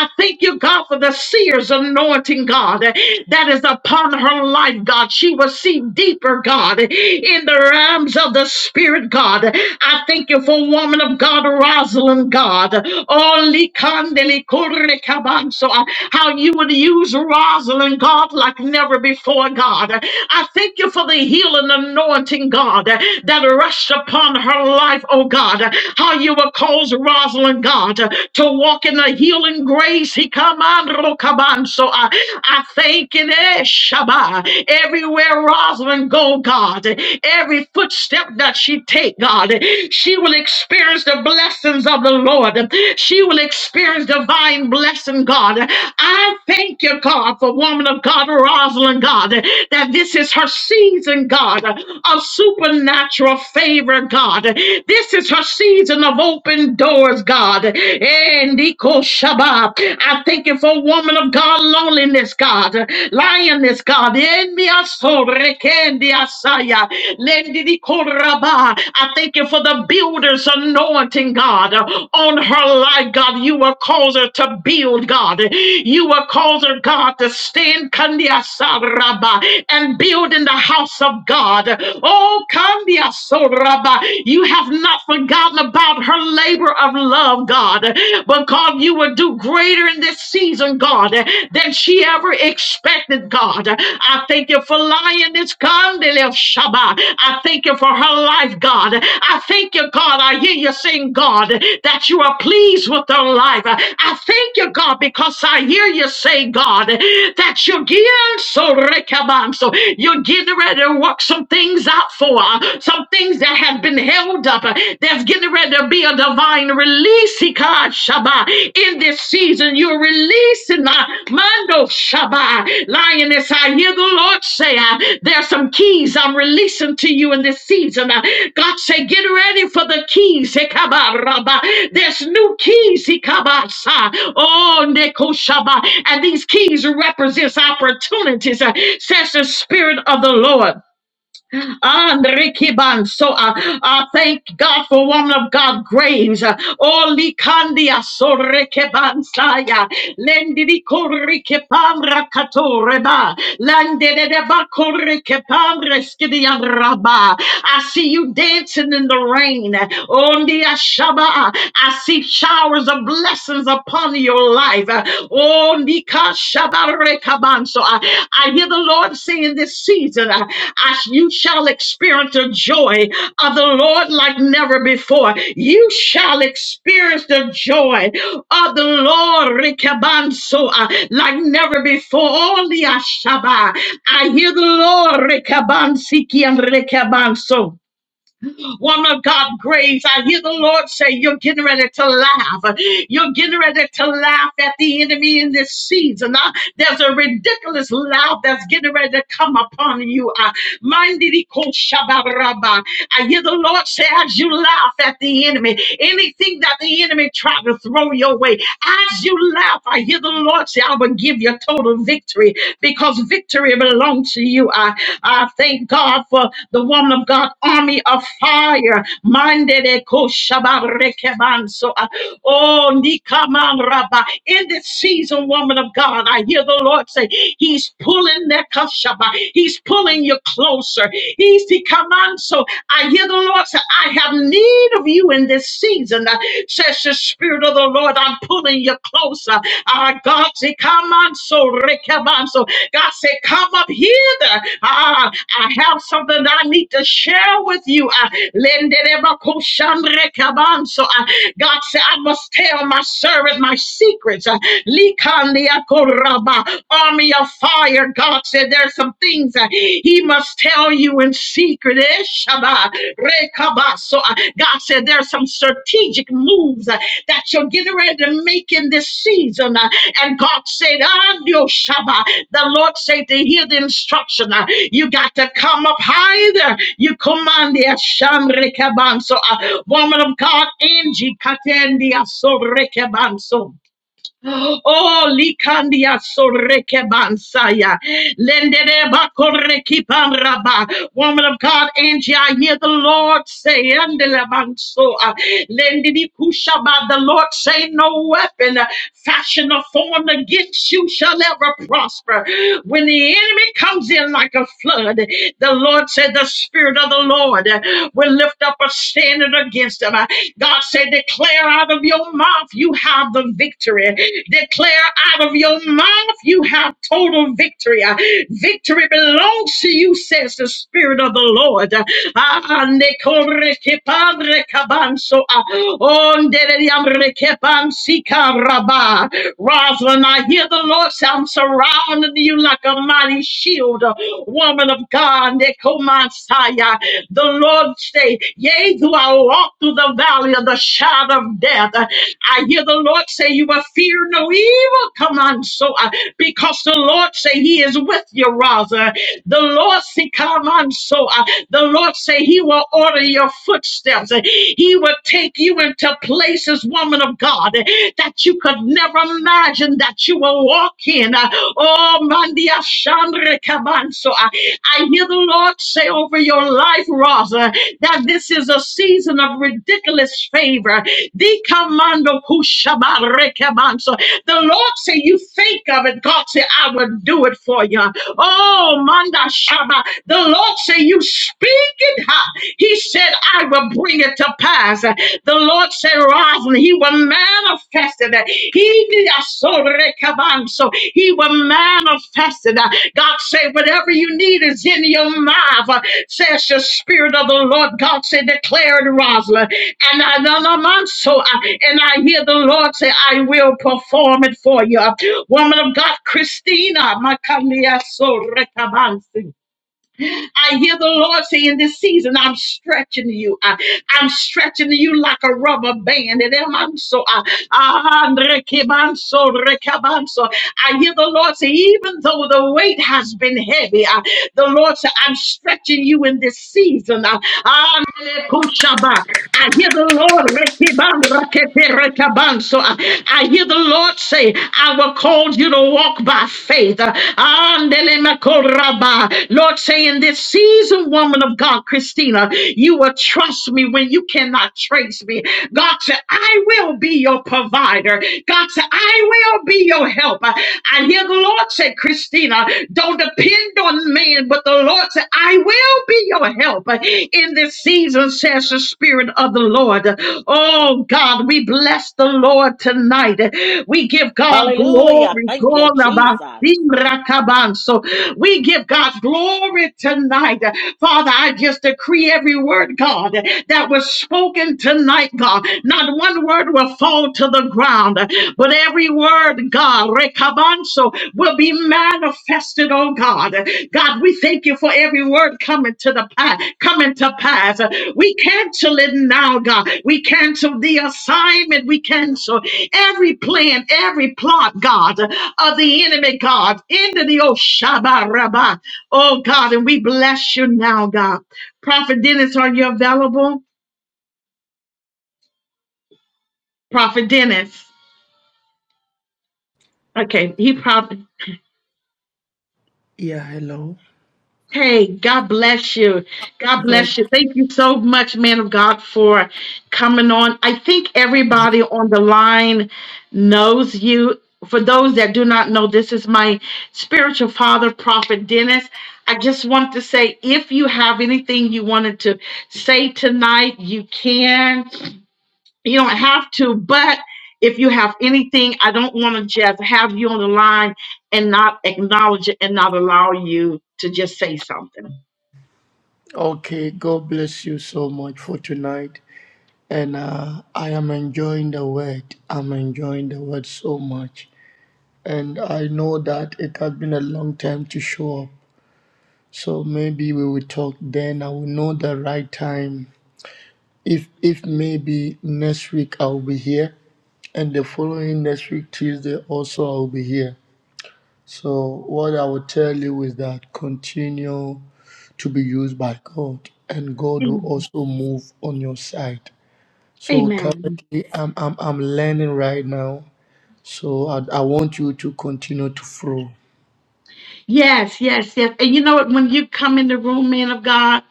B: I thank you, God, for the seer's anointing, God, that is upon her life, God. She will see deeper, God, in the realms of the Spirit, God. I thank you for woman of God, Rosalind, God. Oh, likandeli kurekabanso. How you would use Rosalind, God, like never before, God. I thank you for the healing anointing, God, that rushed upon her life, oh oh God, how you will cause Rosalind, God, to walk in the healing grace. He come on, Rokaban. So I, I thank in there, Shabbat. Everywhere Rosalind go, God, every footstep that she take, God, she will experience the blessings of the Lord. She will experience divine blessing, God. I thank you, God, for woman of God, Rosalind, God, that this is her season, God, of supernatural favor, God. This is her season of open doors, God. And Iko Shabbat. I thank you for woman of God, loneliness, God, lioness, God. En mi aso rekendi asaya. Lendi di koraba. I thank you for the builder's anointing, God, on her life, God. You will cause her to build, God. You will cause her, God, to stand kandi asaraba, and build in the house of God. Oh, kandi you have not forgotten about her labor of love, God. But God, you will do greater in this season, God, than she ever expected, God. I thank you for lioness Kandele of Shaba. I thank you for her life, God. I thank you, God. I hear you saying, God, that you are pleased with her life. I thank you, God, because I hear you say, God, that you're getting so rekabanso. You're getting ready to work some things things out for, uh, some things that have been held up, uh, that's getting ready to be a divine release, Ika Shabbat. In this season, you're releasing my Mando Shabbat. Lioness, I hear the Lord say, uh, there's some keys I'm releasing to you in this season. Uh, God say, get ready for the keys, Ikaba Rabba. There's new keys, Ikaba Sa. Oh, Neko Shabbat. And these keys represents opportunities, uh, says the Spirit of the Lord. Andrikiban. So uh, I thank God for woman of God Graves. Uh, Oh, Likandia Sorekebansaya. Lendidi Korikepam Rakatoreba. Landedeba Korikepam Reskidian Rabba. I see you dancing in the rain. Ondia Shaba. I see showers of blessings upon your life life. Uh, Oh, Nika Shabarekaban. So I, I hear the Lord say in this season, uh, I- you shall experience the joy of the Lord like never before. You shall experience the joy of the Lord Rekabanso uh, like never before. Only Ashaba. I hear the Lord Rekabansiki and Rekabanso. Woman of God, Grace, I hear the Lord say, You're getting ready to laugh. You're getting ready to laugh at the enemy in this season. Uh, There's a ridiculous laugh that's getting ready to come upon you. Uh, Mandiri koshabaraba. I hear the Lord say, As you laugh at the enemy, anything that the enemy tried to throw your way, as you laugh, I hear the Lord say, I will give you total victory because victory belongs to you. I, I thank God for the woman of God, army of fire. Mande de koshabarekebanso. Oh, nikaman rabba. In this season, woman of God, I hear the Lord say, He's pulling that kashaba. He's pulling you closer. He's the command. So I hear the Lord say, I have need of you in this season says the Spirit of the Lord, I'm pulling you closer. Ah, God say, come on, so Rick, come on, so God said, come up here. Ah, I have something that I need to share with you. Ah, Lenderebakoshan rekabanso. Ah, God said, I must tell my servant my secrets. Ah, Likandiakoraba, Army of fire. God said, there's some things. that He. He must tell you in secret. Eh, Shabbat, Rekabah. So uh, God said there are some strategic moves uh, that you're getting ready to make in this season. uh, And God said, Adio Shabbat. The Lord said to hear the instruction. uh, You got to come up higher. You command the Asham Rekaban. So, uh, woman of God, Angie Katendia So Rekaban. So. Oh, likandia soreke bansaya. Lendere bakoreki panraba. Woman of God, Angie, I hear the Lord say, andele bansoa. Lendidi kushaba. the Lord say, no weapon uh, fashioned or formed against you shall ever prosper. When the enemy comes in like a flood, the Lord said, the Spirit of the Lord uh, will lift up a standard fashioned against them. Uh, God said, Declare out of your mouth you have the victory. Declare out of your mouth you have total victory. Uh, Victory belongs to you, says the Spirit of the Lord. Uh, Ah, ne corre che ah, onde le riamre che Rosalind, I hear the Lord say, I'm surrounding you like a mighty shield woman of God, Nekomansaya. The Lord say, Yea, do I walk through the valley of the shadow of death. I hear the Lord say, You will fear no evil. Come on, so uh, because the Lord say He is with you, rather. The Lord say, Come on, so uh, the Lord say He will order your footsteps. He will take you into places, woman of God, that you could never imagine that you were walking. uh, Oh, Mandia Chandra Kabanso. uh, I hear the Lord say over your life, Rosa, that this is a season of ridiculous favor. The commando kushabare Kabanso. The Lord say, You think of it. God say, I will do it for you. Oh, Manda Shaba. The Lord say, You speak it. huh? He said, I will bring it to to pass. The Lord said, Roslyn, He will manifest it. He did a so He will manifest it. God said, whatever you need is in your mouth, uh, says the Spirit of the Lord. God said, declare it, Roslyn. And I know I'm on so uh, and I hear the Lord say, I will perform it for you. Woman of God, Christina, Makalia so I hear the Lord say in this season, I'm stretching you. I, I'm stretching you like a rubber band. And I'm I'm so, I, ah, Andre Rekabanso. I hear the Lord say, even though the weight has been heavy, I, the Lord said, I'm stretching you in this season. Uh, I hear the Lord Rekiban Rakete Rekabanso. I I hear the Lord say, I will call you to walk by faith. Andele Makoraba. Lord say in this season, woman of God, Christina, you will trust me when you cannot trace me. God said, I will be your your provider. God said, I will be your helper. I hear the Lord say, Christina, don't depend on man, but the Lord said, I will be your helper in this season, says the Spirit of the Lord. Oh God, we bless the Lord tonight. We give God
C: Hallelujah.
B: glory,
C: Thank you,
B: glory,
C: Jesus.
B: Rakabanso. We give God glory tonight. Father, I just decree every word, God, that was spoken tonight, God. Not one word will fall to the ground, but every word, God, Rekabanso, will be manifested trusted on God. God, we thank you for every word coming to the pa- coming to pass. We cancel it now, God. We cancel the assignment. We cancel every plan, every plot, God, of the enemy, God, into the oh Shabbat Rabba. Oh God, and we bless you now, God. Prophet Dennis, are you available? Prophet Dennis. Okay, he probably.
D: Yeah, hello.
B: Hey, God bless you. God
D: God,
B: bless you. Thank you so much, man of God, for coming on. I think everybody on the line knows you. For those that do not know, this is my spiritual father, Prophet Dennis. I just want to say if you have anything you wanted to say tonight, you can. You don't have to, but if you have anything, I don't want to just have you on the line and not acknowledge it and not allow you to just say something.
D: okay, God bless you so much for tonight. And uh, I am enjoying the word. I'm enjoying the word so much. And I know that it has been a long time to show up. So maybe we will talk then. I will know the right time. If if maybe next week I'll be here, and the following next week Tuesday also I'll be here. So what I will tell you is that continue. to be used by God, and God will
B: Amen.
D: also move on your side. So
B: Amen.
D: currently, I'm I'm, I'm learning right now. So I, I want you to continue to flow.
B: Yes, yes, yes. And you know what? When you come in the room, man of God,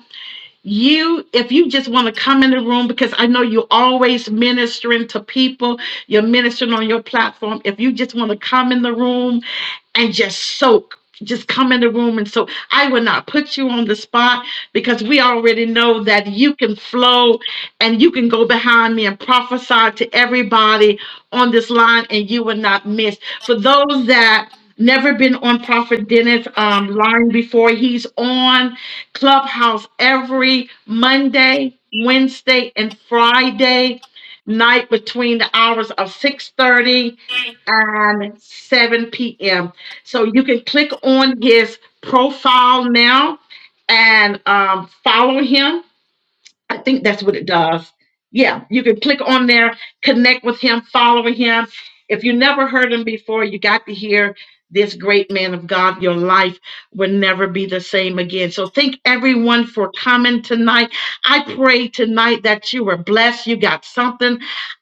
B: you if you just want to come in the room because i know you're always ministering to people you're ministering on your platform if you just want to come in the room and just soak just come in the room and soak. i will not put you on the spot because we already know that you can flow and you can go behind me and prophesy to everybody on this line and you will not miss for those that never been on prophet dennis um, line before he's on Clubhouse every Monday, Wednesday, and Friday night between the hours of 6:30 and 7 p.m. So you can click on his profile now and um, follow him I think that's what it does. Yeah, you can click on there, connect with him, follow him. If you never heard him before, you got to hear this great man of God. Your life will never be the same again. So thank everyone for coming tonight. I pray tonight that you were blessed. You got something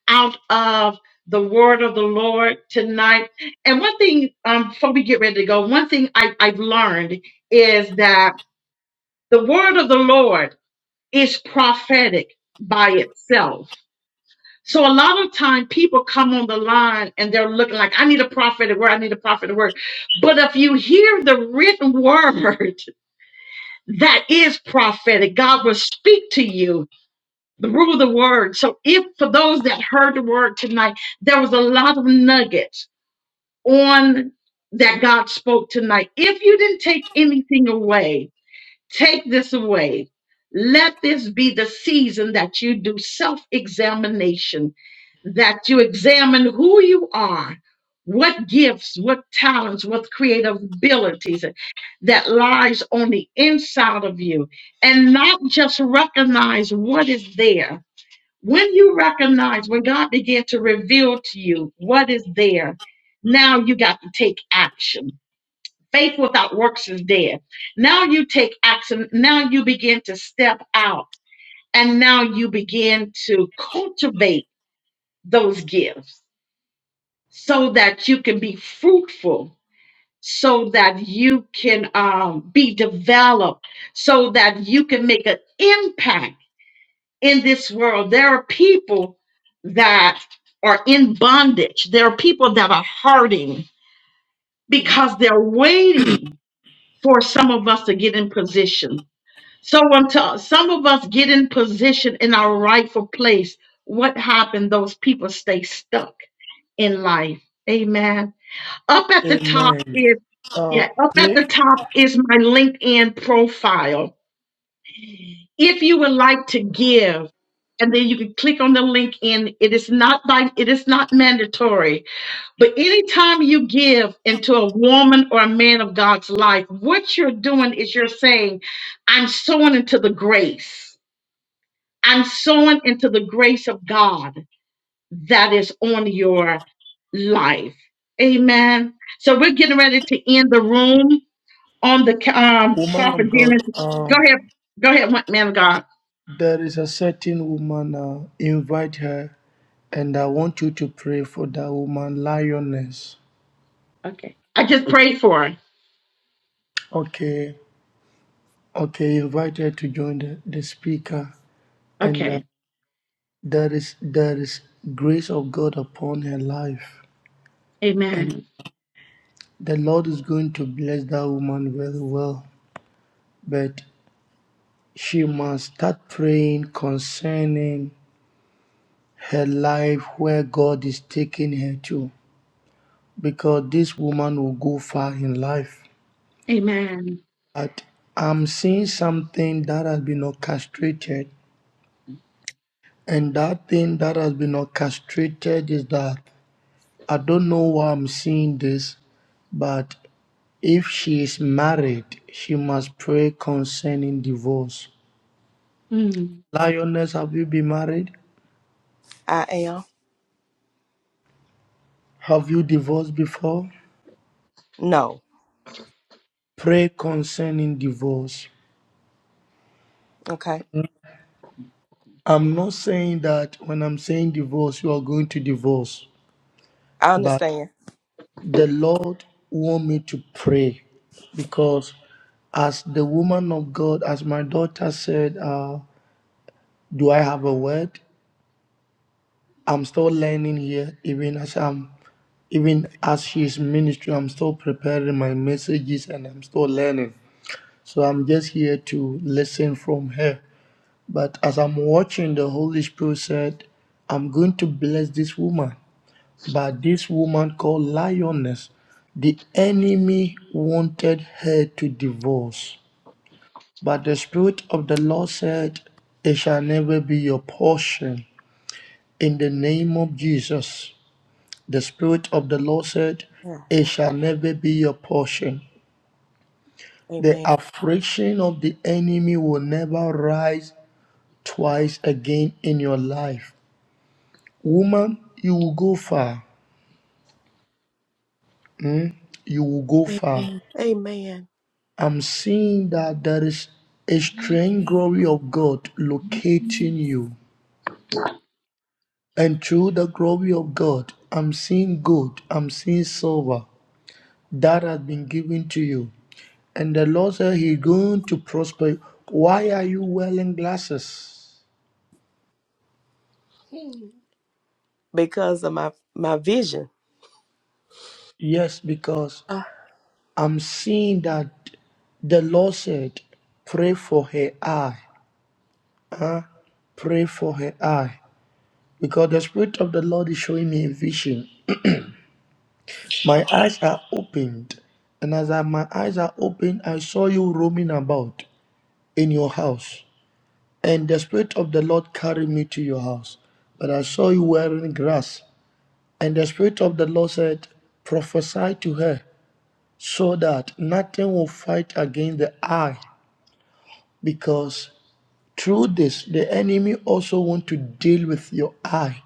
B: out of the word of the Lord tonight. And one thing, um, before we get ready to go, one thing I, I've learned is that the word of the Lord is prophetic by itself. So a lot of time people come on the line and they're looking like, I need a prophetic word. I need a prophetic word. But if you hear the written word that is prophetic, God will speak to you through the word. So if for those that heard the word tonight, there was a lot of nuggets on that God spoke tonight. If you didn't take anything away, Take this away. Let this be the season that you do self examination, that you examine who you are, what gifts, what talents, what creative abilities that lies on the inside of you, and not just recognize what is there. When you recognize, when God began to reveal to you what is there, now you got to take action Faith without works is dead. Now you take action. Now you begin to step out and now you begin to cultivate those gifts so that you can be fruitful, so that you can um, be developed, so that you can make an impact in this world. There are people that are in bondage, there are people that are hurting because they're waiting for some of us to get in position So I'm tell some of us get in position in our rightful place. What happened? Those people stay stuck in life. Amen. Up at the top
D: Amen.
B: is
D: Uh,
B: yeah, up at the
D: pray,
B: top is my LinkedIn profile. If you would like to give, and then you can click on the link in. It is not by it is not mandatory, but anytime you give into a woman or a man of God's life, what you're doing is you're saying, I'm sowing into the grace and sowing into the grace of God that is on your life. Amen. So we're getting ready to end the room on the um
D: woman
B: prophet
D: of God.
B: Dennis. Go
D: Um,
B: ahead, go ahead, man of God.
D: there is a certain woman. Uh, invite her, and I want you to pray for that woman, lioness.
B: Okay, I just prayed for her.
D: Okay, okay. Invite her to join the, the speaker, and uh,
B: Okay,
D: There is there is grace of God upon her life, and
B: Amen.
D: the Lord is going to bless that woman very well. But she must start praying concerning her life, where God is taking her to, because this woman will go far in life.
B: Amen.
D: But I'm seeing something that has been orchestrated, and that thing that has been orchestrated is that I don't know why I'm seeing this, but If she is married, she must pray concerning divorce.
B: Mm.
D: Lioness, have you been married?
E: I am?
D: Have you divorced before?
E: No.
D: Pray concerning divorce.
E: Okay.
D: I'm not saying that when I'm saying divorce, you are going to divorce,
E: I
D: but
E: understand.
D: the Lord want me to pray because, as the woman of God, as my daughter said, uh, do I have a word? I'm still learning here, even as I'm even as she's ministering, I'm still preparing my messages and I'm still learning. So I'm just here to listen from her. But as I'm watching, the Holy Spirit said, I'm going to bless this woman. But this woman called Lioness, the enemy wanted her to divorce. But the Spirit of the Lord said, It shall never be your portion in the name of Jesus. The Spirit of the Lord said,
E: Yeah.
D: It shall never be your portion. The
E: Amen.
D: affliction of the enemy will never rise twice again in your life. Woman, you will go far. Hmm? You will go far.
E: Amen. Amen.
D: I'm seeing that there is a strange glory of God locating you. And through the glory of God, I'm seeing gold, I'm seeing silver that has been given to you. And the Lord said He's going to prosper you. Why are you wearing glasses?
E: Because of my my vision.
D: Yes, because
E: Uh,
D: I'm seeing that the Lord said, Pray for her eye. Pray for her eye. Because the Spirit of the Lord is showing me a vision. My eyes are opened. And as I, my eyes are opened, I saw you roaming about in your house. And the Spirit of the Lord carried me to your house. But I saw you wearing grass. And the Spirit of the Lord said, Prophesy to her so that nothing will fight against the eye, because through this the enemy also want to deal with your eye.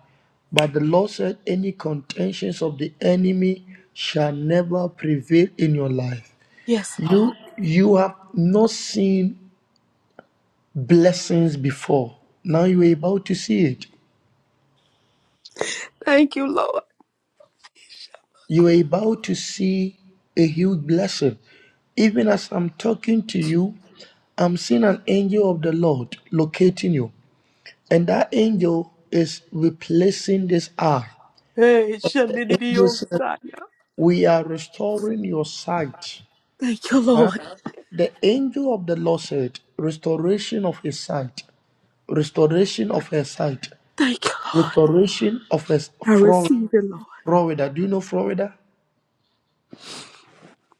D: But the Lord said, Any contentions of the enemy shall never prevail in your life.
E: yes,
D: You
E: Lord.
D: you have not seen blessings before. Now you are about to see it.
E: Thank you, Lord.
D: You are about to see a huge blessing. Even as I'm talking to you, I'm seeing an angel of the Lord locating you, and that angel is replacing this hour.
E: Hey,
D: The angel said,
E: Shanidiosia.
D: We are restoring your sight.
E: Thank you,
D: Huh?
E: Lord.
D: The angel of the Lord said, Restoration of his sight, restoration of her sight,
E: Thank you, Lord.
D: restoration of her
E: I
D: Florida.
E: receive it, Lord.
D: Florida. Do you know Florida?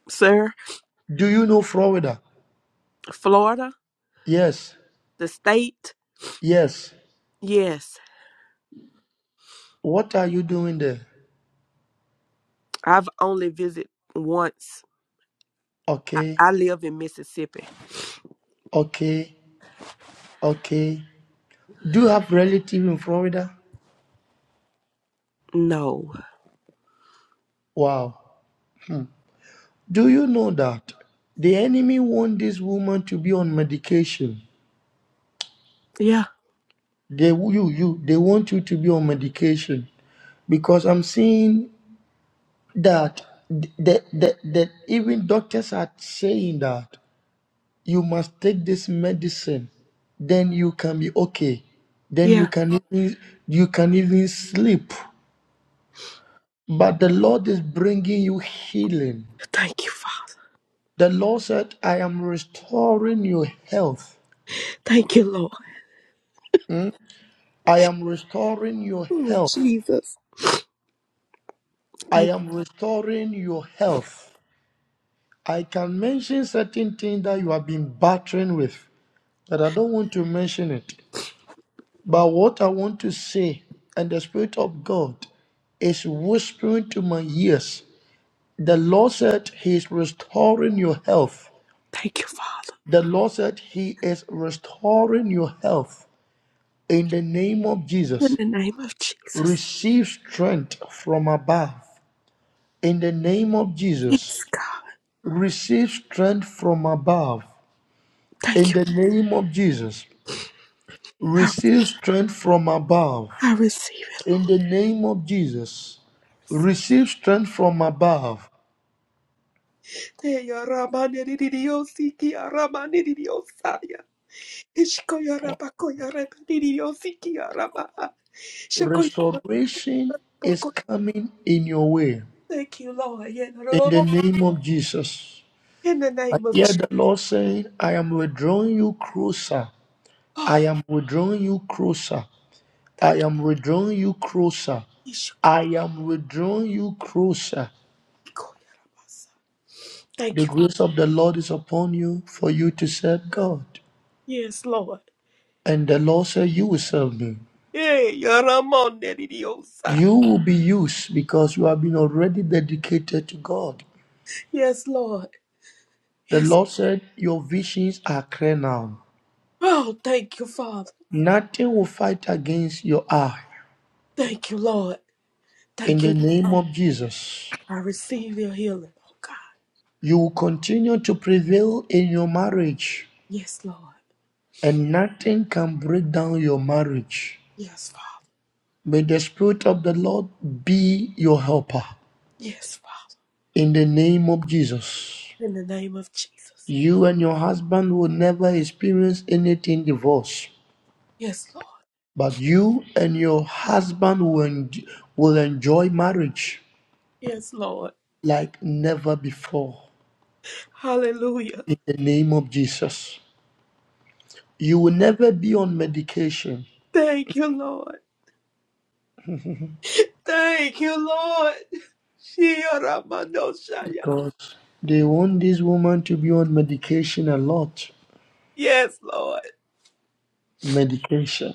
E: Sir,
D: Do you know Florida?
E: Florida,
D: Yes,
E: the state,
D: yes.
E: yes.
D: What are you doing there?
E: I've only visited once. I,
D: Okay,
E: I live in Mississippi.
D: okay, okay. Do you have relative in Florida?
E: No.
D: Wow. Do you know that the enemy want this woman to be on medication?
E: Yeah,
D: They you you they want you to be on medication because I'm seeing that that that, that even doctors are saying that you must take this medicine, then you can be okay, then you
E: yeah.
D: can even you can even sleep. But the Lord is bringing you healing.
E: Thank you, Father.
D: The Lord said, "I am restoring your health."
E: Thank you, Lord.
D: Hmm? I am restoring your
E: Oh,
D: health.
E: Jesus.
D: I
E: Thank.
D: am restoring your health. I can mention certain things that you have been battling with, but I don't want to mention it. But what I want to say, and the Spirit of God is whispering to my ears, the Lord said He is restoring your health.
E: Thank you, Father.
D: The Lord said He is restoring your health in the name of
E: In
D: Jesus.
E: the name of Jesus.
D: Receive strength from above in the name of
E: Yes,
D: Jesus.
E: God.
D: receive strength from above
E: Thank
D: in
E: you.
D: the name of Jesus.
E: I,
D: Receive strength from above
E: I receive it.
D: in the name of Jesus. Receive strength from above.
E: Hey, ramane di di di yo siki, di di Ishko ya rabako ya ramane di di yo siki, Shako ya
D: Restoration is
E: rabako.
D: coming in your way
E: Thank you, Lord. Yeah, no, no,
D: in
E: no,
D: the
E: no.
D: name of Jesus.
E: In the
D: I
E: name of
D: hear
E: Jesus.
D: the Lord saying, I am withdrawing you closer. I
E: Oh,
D: am withdrawing you closer. I
E: thank
D: am withdrawing you closer.
E: you. Ishko
D: I
E: ya
D: am withdrawing you closer.
E: iko ya ramasa. Thank
D: The
E: you.
D: grace of the Lord is upon you for you to serve God.
E: Yes, Lord.
D: And the Lord said, You will serve me.
E: Hey, ya di di yo sa.
D: You will be used because you have been already dedicated to God.
E: Yes,
D: The Lord said, Your visions are clear now.
E: Oh, thank you, Father.
D: Nothing will fight against your eye.
E: Thank you, Lord.
D: In
E: Thank
D: the
E: you.
D: name of Jesus,
E: I receive your healing, oh God.
D: you will continue to prevail in your marriage,
E: Yes, Lord.
D: and nothing can break down your marriage.
E: Yes, Father.
D: May the Spirit of the Lord be your helper.
E: Yes, Father.
D: In the name of Jesus.
E: In the name of Jesus.
D: You and your husband will never experience anything divorce,
E: Yes, Lord.
D: but you and your husband will, en- will enjoy marriage
E: Yes, Lord.
D: like never before.
E: Hallelujah.
D: In the name of Jesus. You will never be on medication
E: Thank you, Lord. Thank you, Lord. Shia
D: because they want this woman to be on medication a lot.
E: Yes, Lord.
D: Medication.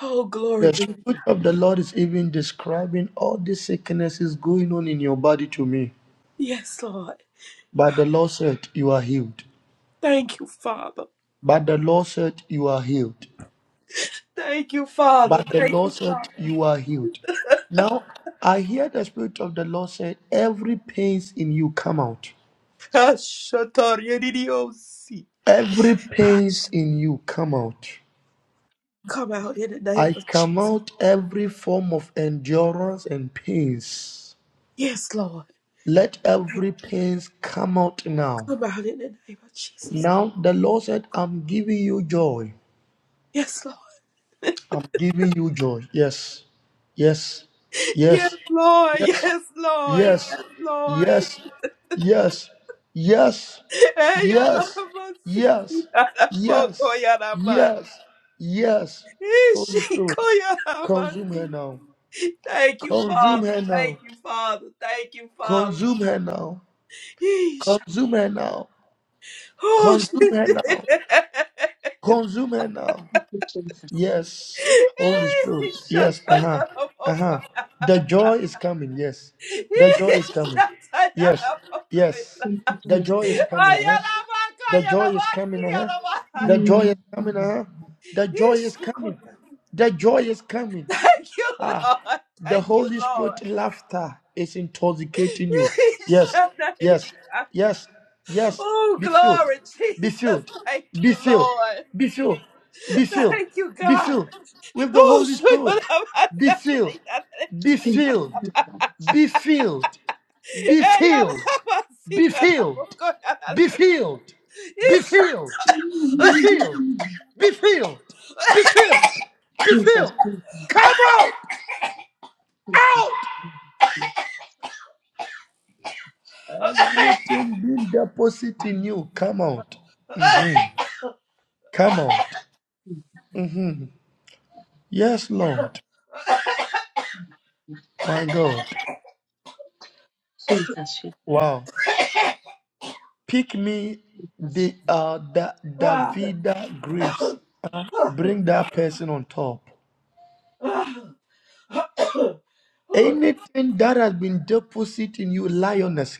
E: Oh, glory
D: The
E: be. to God.
D: Spirit of the Lord is even describing all the sicknesses going on in your body to me.
E: Yes, Lord.
D: But the Lord said, You are healed.
E: Thank you, Father.
D: But the Lord said, You are healed.
E: Thank you, Father.
D: But the
E: Thank
D: Lord
E: you,
D: said,
E: Father.
D: You are healed. Now I hear the Spirit of the Lord said, Every pains in you come out.
E: Hashatar Yedidiosi.
D: Every pains in you come out.
E: Come out in the name
D: I
E: of
D: come
E: Jesus.
D: out every form of endurance and pains.
E: Yes, Lord.
D: Let every pains come out now.
E: Come out in the name of Jesus.
D: Now the Lord said, I'm giving you joy.
E: Yes, Lord.
D: I'm giving you joy. Yes. Yes.
E: Yes,
D: Yes.
E: Lord.
D: Yes.
E: Yes, Lord.
D: Yes,
E: Yes, Lord.
D: yes, yes, yes,
E: Hey,
D: yes,
E: Yoramasi.
D: yes,
E: Yaraboko,
D: yes,
E: Yaraman.
D: yes, yes. Holy Spirit,
E: Ishiko,
D: consume
E: Yaramasi.
D: her now.
E: Thank you,
D: Consume
E: Father.
D: her
E: Thank
D: now.
E: you, Father. Thank you, Father.
D: Consume her now.
E: Ish.
D: Consume her now.
E: Oh,
D: Consume her now. Consume her now.
B: Jesus.
D: Yes, Holy Spirit.
E: Ish. Shut
D: Yes, uh
E: up.
D: huh, uh
E: Yaramoko.
D: huh. The joy is coming. Yes, the joy is coming. Yes, yes. The
B: Jesus.
D: joy is coming. Uh huh. The joy is coming. Uh huh. The joy is
B: Mm.
D: coming. Uh huh. The joy is coming. The joy is coming.
E: Thank you,
D: Ah,
E: Lord.
D: the
E: Thank you,
D: Holy Spirit
E: Lord.
D: laughter is intoxicating you. Yes, yes, yes, yes.
E: Oh,
D: Be filled,
E: glory,
D: be
E: Jesus.
D: filled,
E: Thank
D: be
E: you,
D: filled,
E: Lord.
D: be filled, be filled,
E: Thank you,
D: be
E: God.
D: filled with the
E: Oh,
D: Holy Spirit. Be filled, be filled, be filled, be filled, be filled, be filled, be filled, be filled, be filled, be filled, be
B: Jesus. Jesus.
D: filled.
B: Jesus.
D: Come out, Everything being deposited in you, come out. Mhm. Come out. Mhm. Yes, Lord. My God.
B: Jesus. Jesus.
D: Wow. Pick me the uh the Davida grapes.
E: Father.
D: Uh, bring that person on top.
E: Oh,
D: Anything that has been deposited in you, lioness,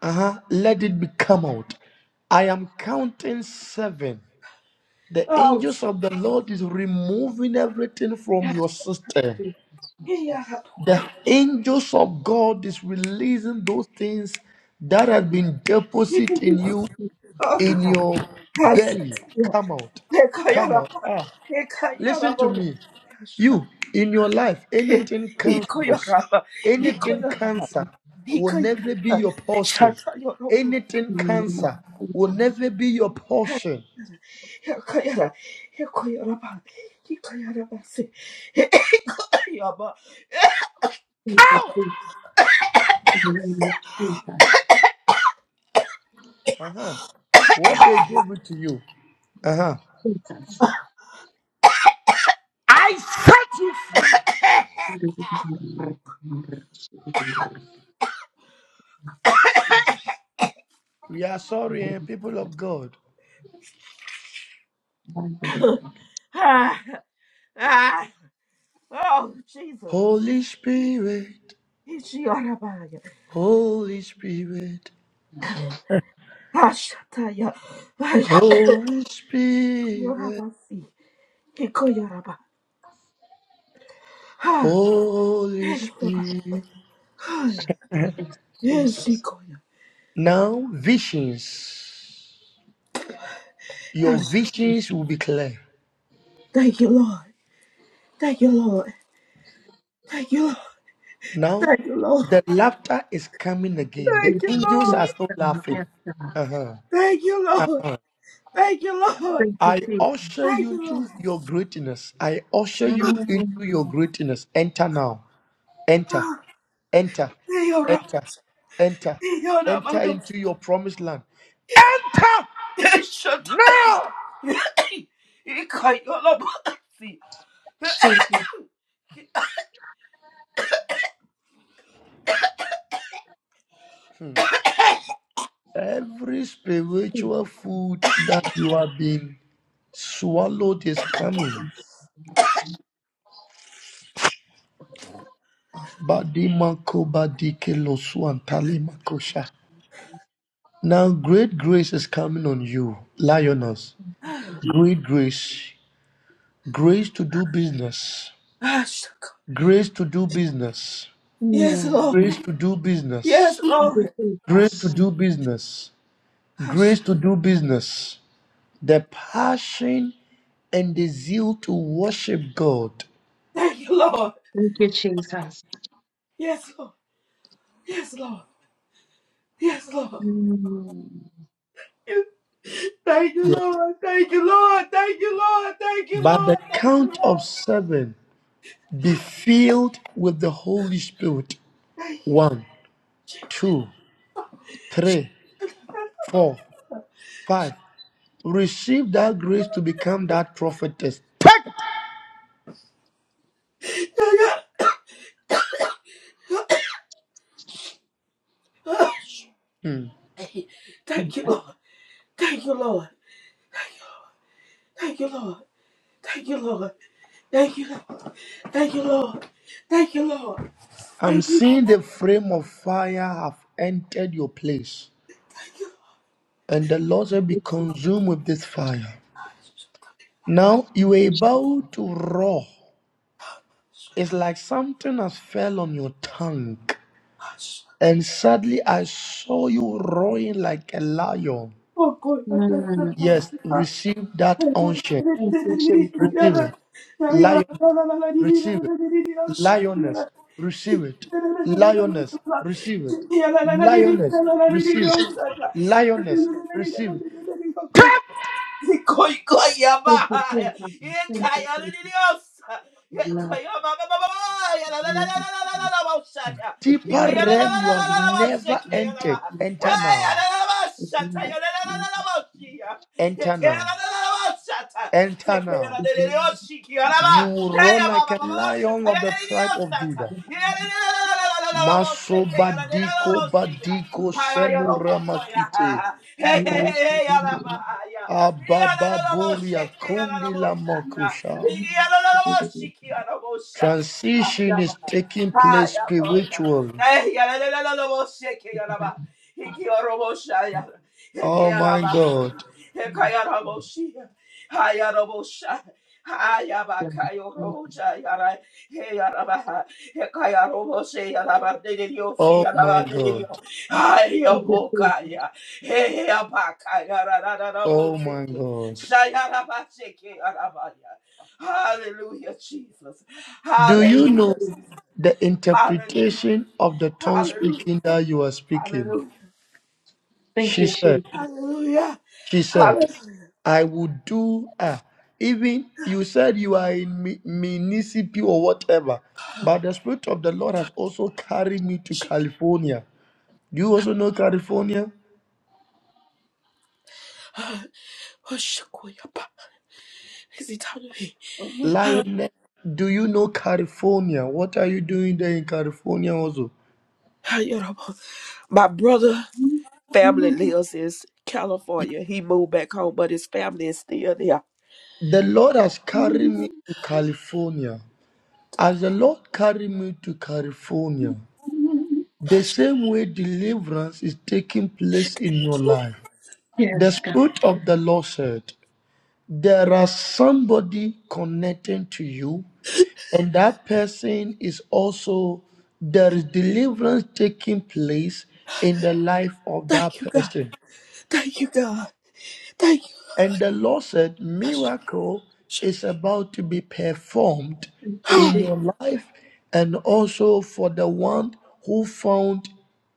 D: uh-huh, let it be come out. I am counting seven. The angels
E: ouch.
D: of the Lord is removing everything from your system.
E: Iya,
D: the
E: pokój.
D: angels of God is releasing those things that have been deposited in you in your belly. Come out. Come out. Ah, listen to me. You in your life, anything cancerous, anything cancer will never be your portion.
B: Jesus.
D: Anything
B: Jesus.
D: cancer will
B: Jesus. Jesus.
D: never be your portion.
B: Jesus. Jesus, Jesus.
D: Uh-huh. What they gave it to you. Uh-huh.
B: Jesus,
D: I set you free.
B: Jesus,
D: We are sorry, eh, people of God.
E: Ah, ah. Oh, Jesus.
D: Holy Spirit,
E: Ikoja, raba, ja.
D: Holy Spirit,
E: Ah, szata, ja. Ah, ja.
D: Holy
E: Ikoja,
D: Spirit,
E: raba, Ah,
D: Holy Spirit.
E: Ah, ja. Yes, ikoja.
D: Now, visions.
E: Ah,
D: Your visions will be clear.
E: Thank you, Lord. Thank you, Lord. Thank you, Lord.
D: Now,
E: Thank you, Lord.
D: the laughter is coming again. The
E: Thank you,
D: angels
E: Lord.
D: are still laughing. Uh-huh.
E: Thank you, Lord.
D: Uh-huh.
E: Thank you, Lord.
B: thank you,
D: I
B: Jesus.
D: usher
E: Thank
D: you
E: you,
D: into
E: Lord.
D: your greatness. I usher you into
B: Mm,
D: your greatness. Enter now. Enter.
E: Ah,
D: Enter,
E: thank you, Lord.
D: enter, enter,
E: Thank you, Lord.
D: enter into your promised land. Enter
E: Yes, shut up.
D: now.
E: Thank you, Lord. See.
B: Jesus.
D: Hmm. Every spiritual food that you have been swallowed is coming. Badimako badikelo suantali makosha. Now, great grace is coming on you, lioness. Great grace. Grace to do business.
E: Ah, shut up.
D: Grace to do business.
E: Yes,
B: Mm,
E: Lord.
D: Grace to do
E: Yes,
D: business.
B: Thank you,
E: Lord.
D: Grace to
B: Jesus.
D: do business.
E: Ah, sh-
D: grace to do business, the passion and the zeal to worship God.
E: Thank you, Lord.
B: Thank you, Jesus.
E: Yes, Lord. Yes, Lord. Yes, Lord.
B: Mm,
E: You- Thank you,
D: Yes.
E: Lord. Thank you, Lord. Thank you, Lord. Thank you,
D: By
E: Lord.
D: the
E: Thank you,
D: count of
E: Lord.
D: seven, be filled with the Holy Spirit.
E: Thank
D: One,
E: you, Lord.
D: two, three, four, five. Receive that grace to become that prophetess. Hmm.
E: Thank you, Lord. Thank you, Lord. Thank you, Lord. Thank you, Lord. Thank you, Lord. Thank you, Lord. Thank you, Lord.
D: I'm
E: Thank you,
D: seeing
E: Lord.
D: the flame of fire have entered your place, and the Lord shall be consumed with this fire. Now you are about to roar. It's like something has fell on your tongue. And suddenly I saw you roaring like a lion.
E: Oh, God. I
B: mm,
E: thank
D: Yes,
E: you,
D: receive that unction.
B: Thank you, Jesus.
D: Receive it.
E: Lord.
D: Lion, receive it. Lioness, receive it. Lioness, receive it. Lioness, receive it.
E: Thank
D: Lioness, receive it.
E: you, Koi koi yaba.
B: Thank you, Jesus.
E: Ye
B: Thank you,
E: kaya le
B: Jesus.
E: dios. Ye
B: Love,
E: kaya ba ba ba ba ba. Ya la la la
B: love,
E: la la la la
B: Jesus.
E: la ba sha ya.
B: Love,
E: Ye
D: Deeper
E: kaya la la la
D: realm you
E: la la
D: have
E: la
B: Jesus.
E: la ba sha
D: never
E: ke ya la ba.
D: entered. Enter
E: Hey ya
D: now.
E: la la la ba sha ta
B: Love,
E: ya la la la la
B: Jesus.
E: la ba shi ya. Ye
D: Enter
E: kaya
D: now.
E: la la la la ba sha ta. Se
D: Enter
E: ke ya la
D: now.
E: le le dios shi ki ya la ba.
D: You will
E: Hey
D: roar
E: ya ba
D: like
E: ba
D: a
E: ba ba ba sha
D: lion
E: kaya
D: of the
E: le le
D: tribe
E: dios
D: of
E: sa ta.
D: Judah.
E: Ye la la la la la la la la ba se
D: Maso
E: ke ya la le la la
D: badiko
E: ba shi ya.
D: badiko
E: Ha ya ya
D: senu
E: ro po ko ya. Hey hey
B: Love,
E: hey hey ya la
B: Jesus.
E: ba. Hallelujah.
D: Abababuria kundi makusha. Transition is taking place spiritually. Oh my God.
B: Love, Jesus.
D: Oh my God.
E: Hey,
D: Oh my
E: abakayarararaboseke,
D: God.
E: shayarabasheke, arabaya. Hallelujah, Jesus.
D: Do you
E: Hallelujah,
D: know
E: Jesus.
D: the
E: Hallelujah.
D: interpretation of the tongue
E: Hallelujah.
D: speaking that you are speaking?
E: Hallelujah.
B: Thank
D: She
B: you,
D: said.
B: Jesus.
E: Hallelujah.
D: She said,
E: Hallelujah.
D: I would do ah, even you said you are in mi- municipal or whatever, but the spirit of the Lord has also carried me to
E: Shik-
D: California. Do you also know California?
E: Oshakoyaba. Is it out of here? Mhm.
D: Lionel, do you know California? What are you doing there in California also?
E: Hayorabo. My brother family lives in California. He moved back home, but his family is still there.
D: The Lord has carried me to California. As the Lord carried me to California, the same way deliverance is taking place in your life. The
B: Yes, God.
D: Spirit of the Lord said, There are somebody connecting to you, and that person is also, there is deliverance taking place in the life of that
E: Thank you, God.
D: person.
E: Thank you, God. Thank you.
D: And the Lord said, Miracle is about to be performed
B: Thank you,
D: in
B: Jesus.
D: your life, and also for the one who found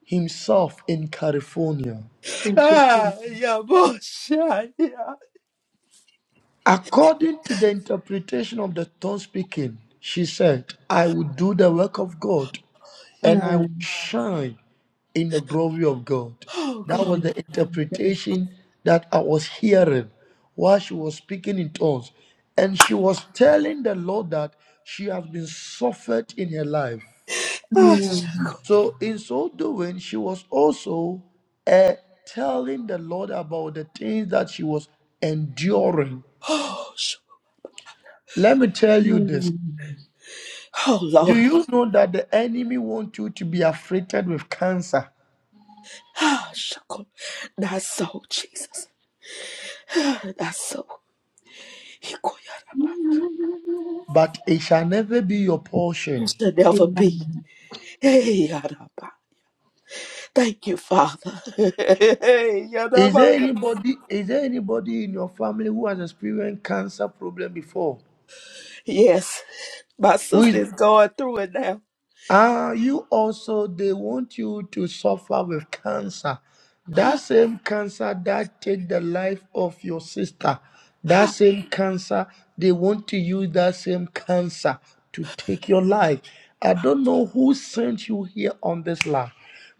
D: himself in California.
B: Thank you, Jesus.
E: Ah, yeah, bullshit. Yeah. yeah.
D: According to the interpretation of the tongue speaking, she said, I will do the work of God and I will
B: Mm,
D: shine in the glory of God.
E: Oh
D: That
E: God.
D: was
B: yes,
D: the
B: God, yes.
D: interpretation that I was hearing while she was speaking in tongues. And she was telling the Lord that she has been suffered in her life.
E: Ah,
B: Mm,
E: shuckle.
D: So, in so doing, she was also uh, telling the Lord about the things that she was enduring.
E: Oh, sh-
D: Let me tell you this
B: mm.
E: oh
D: Do
E: Lord.
D: you know that the enemy wants you to be afflicted with cancer,
E: Ah, shuckle. That's so, Jesus. Ah, That's so. Hikoyaraba.
D: but it shall never be your portion?
E: It should never
B: Amen.
E: be. Hey, Yaraba. Thank you, Father. Hey,
D: Is there
E: Yaraba.
D: anybody? Is there anybody in your family who has experienced cancer problem before?
E: Yes, my
D: Who
E: sister
D: is?
E: is going through it now.
D: Ah, you also, they want you to suffer with cancer. That same cancer that take the life of your sister, that same cancer, they want to use that same cancer to take your life. I don't know who sent you here on this land.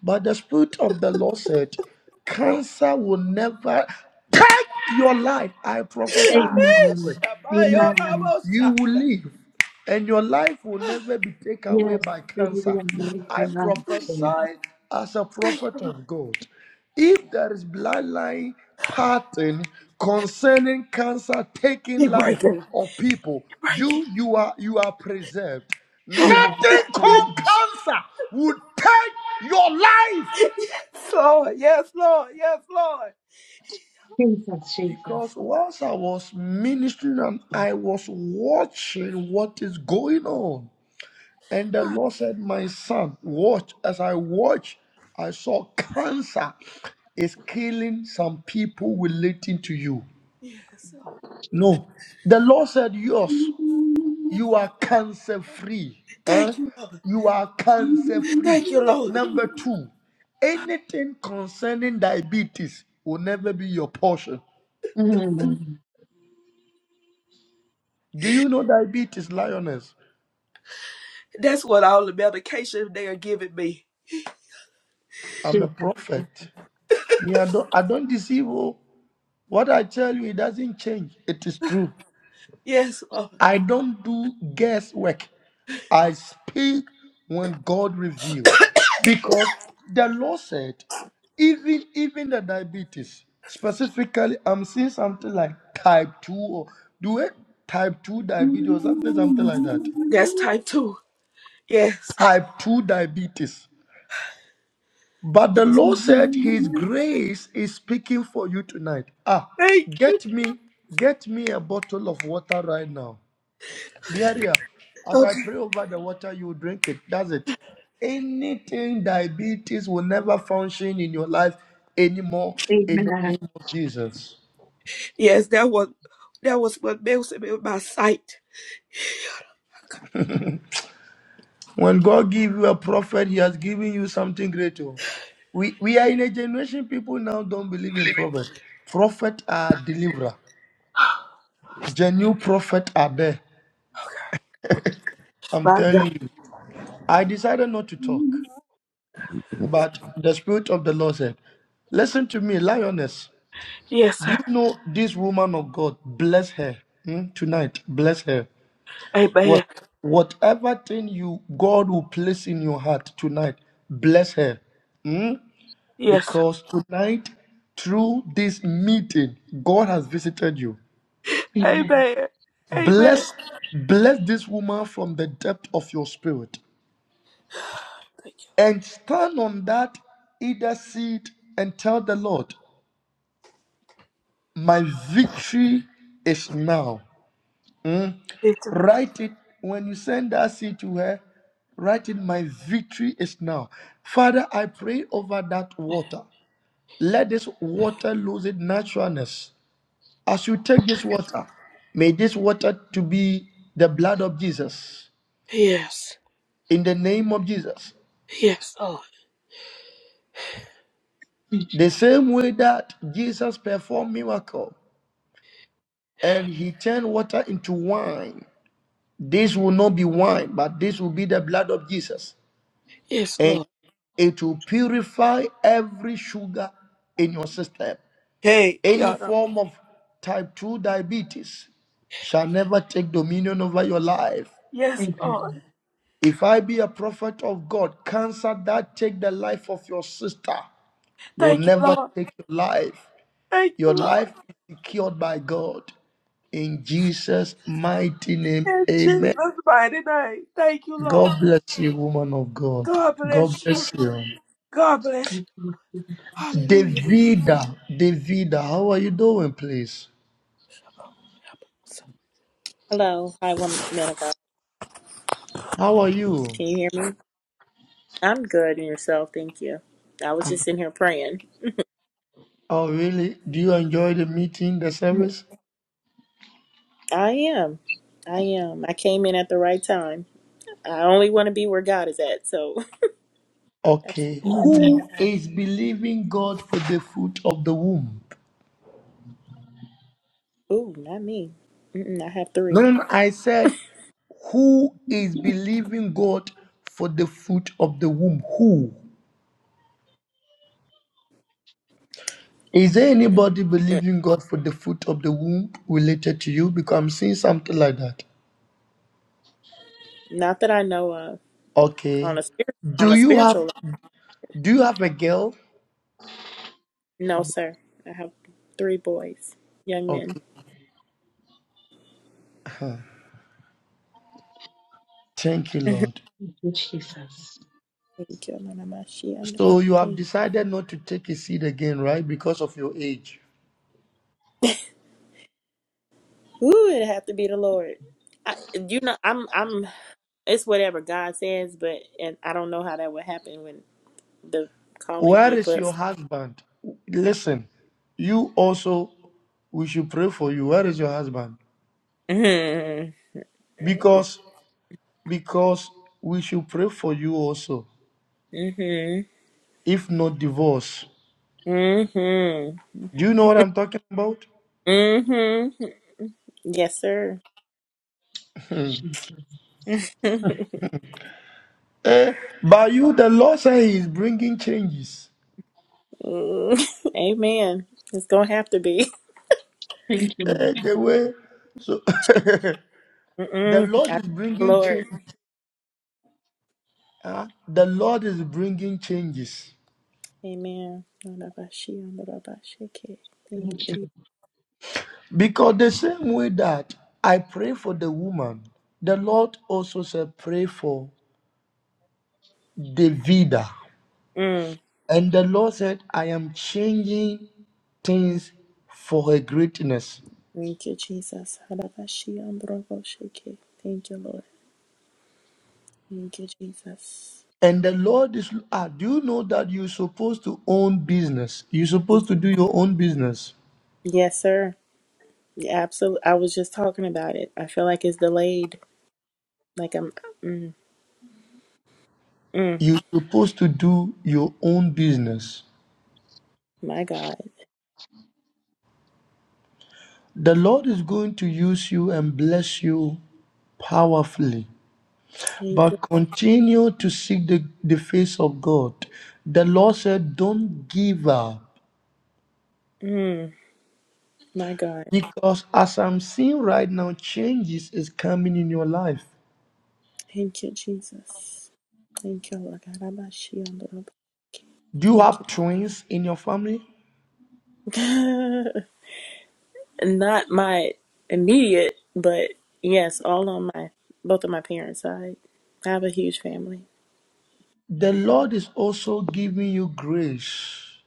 D: But the Spirit of the Lord said, Cancer will never take your life. I prophesy as a
E: Hey,
B: Amen.
D: prophet. You,
B: Amen.
E: Shabayaraba,
D: you will
E: Shaya.
D: live, and your life will
E: Ah,
D: never be taken away
B: Yes.
D: by cancer. I
B: Amen.
E: Thank you, Lord.
D: prophesy as a
E: Thank you,
D: prophet
E: Lord.
D: of God. If there is bloodline pattern concerning cancer taking
E: He
D: life
E: breaking.
D: of people,
E: He breaking.
D: you you are you are preserved.
E: Hey.
B: Yes.
D: Nothing
B: God.
D: called cancer would take your life.
E: Yes, Lord. Yes, Lord. Yes, Lord.
B: Jesus, Jesus.
D: Because whilst I was ministering and I was watching what is going on, and the
E: Ah,
D: Lord said, My son, watch. As I watched, I saw cancer is killing some people relating to you.
E: Yes, Lord.
D: No. The Lord said, Yours, you are cancer free. Eh?
E: Thank you, Lord.
D: You are cancer free.
E: Thank you, Lord.
D: Number two, anything concerning diabetes will never be your portion.
B: Mm,
D: Do you know diabetes, lioness?
E: That's what all the medication they are giving me.
D: I'm a
B: Jesus.
D: prophet. Me, I don't, I don't deceive. oh. What I tell you, it doesn't change. It is true.
E: Yes, Lord.
D: I don't do guesswork. I speak when God revealed. Because the Lord said, even even the diabetes, specifically, I'm seeing something like type 2 or do it type 2 diabetes or something, something like that.
E: That's type two. Yes.
D: Type 2 diabetes. But the
E: Yes,
D: Lord said his grace is speaking for you tonight. Ah,
E: Thank you.
D: get me, get me a bottle of water right now. Beria, as I
E: Okay.
D: pray over the water, you drink it. That's it. Anything diabetes will never function in your life anymore in the
B: Amen.
D: name of Jesus.
E: Yes, that was that was what messed me with my sight.
D: When God give you a prophet, He has given you something greater. We, we are in a generation people now don't believe in prophet. Prophet are deliverer. Genuine prophet are there. I'm
E: My God.
D: telling you. I decided not to talk, but the spirit of the Lord said, "Listen to me, lioness.
E: Yes,
D: Do
E: sir.
D: you know this woman of God? Bless her hmm, tonight. Bless her. What
E: Amen.
D: whatever thing you God will place in your heart tonight, bless her. hmm,
E: Yes.
D: Because tonight, through this meeting, God has visited you.
B: Amen.
E: Amen. Amen.
D: Bless bless this woman from the depth of your spirit.
E: Thank you.
D: And stand on that either seat and tell the Lord, My victory is now. Hmm?
E: Victory.
D: Write it when you send that seed to her. Write it, my victory is now. Father, I pray over that water. Let this water lose its naturalness. As you take this water, may this water to be the blood of Jesus.
E: Yes.
D: In the name of Jesus.
E: Yes, Lord.
D: The same way that Jesus performed miracle and he turned water into wine. This will not be wine, but this will be the blood of Jesus.
E: Yes,
D: And
E: Lord.
D: It will purify every sugar in your system.
E: Hey,
D: Any
E: y'all.
D: form of type 2 diabetes shall never take dominion over your life.
E: Yes,
B: Amen.
E: Lord.
D: If I be a prophet of God, cancer that take the life of your sister will
E: Thank you,
D: never
E: Lord.
D: take your life.
E: Thank
D: Your
E: you, Lord.
D: life is secured by God. In Jesus' mighty name,
E: In Jesus'
D: amen.
E: mighty name. Thank you, Lord.
D: God bless you, woman of God.
E: God
D: God
E: bless you.
D: bless you.
E: God bless
B: Thank
E: you.
B: you.
E: Hallelujah.
D: Davida, Davida, how are you doing, please?
F: Hello. Hi, woman, man of God.
D: How are you?
F: Can you hear me? I'm good and yourself. Thank you. I was
D: Um,
F: just in here praying.
D: oh, really? Do you enjoy the meeting, the service?
F: I am. I am. I came in at the right time. I only want to be where God is at. So that's
D: Okay.
F: me.
B: Mm.
D: Who is believing God for the fruit of the womb?
F: Ooh, not me. Mm-mm, I have
D: No,
F: three.
D: no, no. I said, who is believing God for the fruit of the womb? Who? Is there anybody
F: Mm.
D: believing God for the fruit of the womb related to you? Because I'm seeing something like that.
F: Not that I know of. On a
D: Okay.
F: spirit, on
D: Do
F: a
D: you
F: spiritual
D: have
F: level.
D: do you have a girl?
F: No, sir. I have three boys, young men.
D: Okay. Huh. Thank you,
F: Thank
D: Lord.
B: Thank you, Jesus.
F: you, Mama Shia.
D: So you have
F: Thank
D: decided not to take a seat again, right? Because of your age.
F: you. Ooh, it have to be the Lord. I, you know, I'm I'm It's whatever God says, but and I don't know how that would happen when the calling
D: Where
F: a
D: is your
F: plus.
D: husband? Listen, you also we should pray for you. Where is your husband?
F: Mhm.
D: Because because we should pray for you also.
F: Mhm.
D: If not divorce,
F: Mhm.
D: do you know what I'm talking about?
F: Mhm. Yes, sir.
D: Eh, by you, the Lord said He is bringing changes.
F: Amen. It's gonna have to be.
B: Thank you, Lord.
D: Eh, the way so the
F: Mm-mm.
D: Lord
F: I,
D: is bringing
F: Lord.
D: change. ah, the Lord is bringing changes.
F: Amen. Rabashiambroboshike. Thank you,
B: Thank you.
F: Jesus.
D: Because the same way that I pray for the woman, the Lord also said, Pray for Davida.
F: Mm.
D: And the Lord said, I am changing things for her greatness.
F: Thank you, Jesus. Rabashiambroboshike. Thank you, Lord. Thank you, Jesus.
D: And the Lord is, ah, do you know that you're supposed to own business? You're supposed to do your own business.
F: Yes, sir. Yeah, absolutely. I was just talking about it. I feel like it's delayed. Like I'm, mm, mm,
D: You're supposed to do your own business.
F: my God.
D: The Lord is going to use you and bless you powerfully.
F: Thank you.
D: but continue to seek the, the face of God. The Lord said, Don't give up
F: Mm, my God.
D: because as I'm seeing right now, changes is coming in your life.
F: Thank you, Jesus. Thank you, Lord God. I'm not she on the
D: Do you
F: Thank you.
D: have twins in your family?
F: not my immediate, but yes, all on my, both of my parents' side. I have a huge family.
D: The Lord is also giving you grace,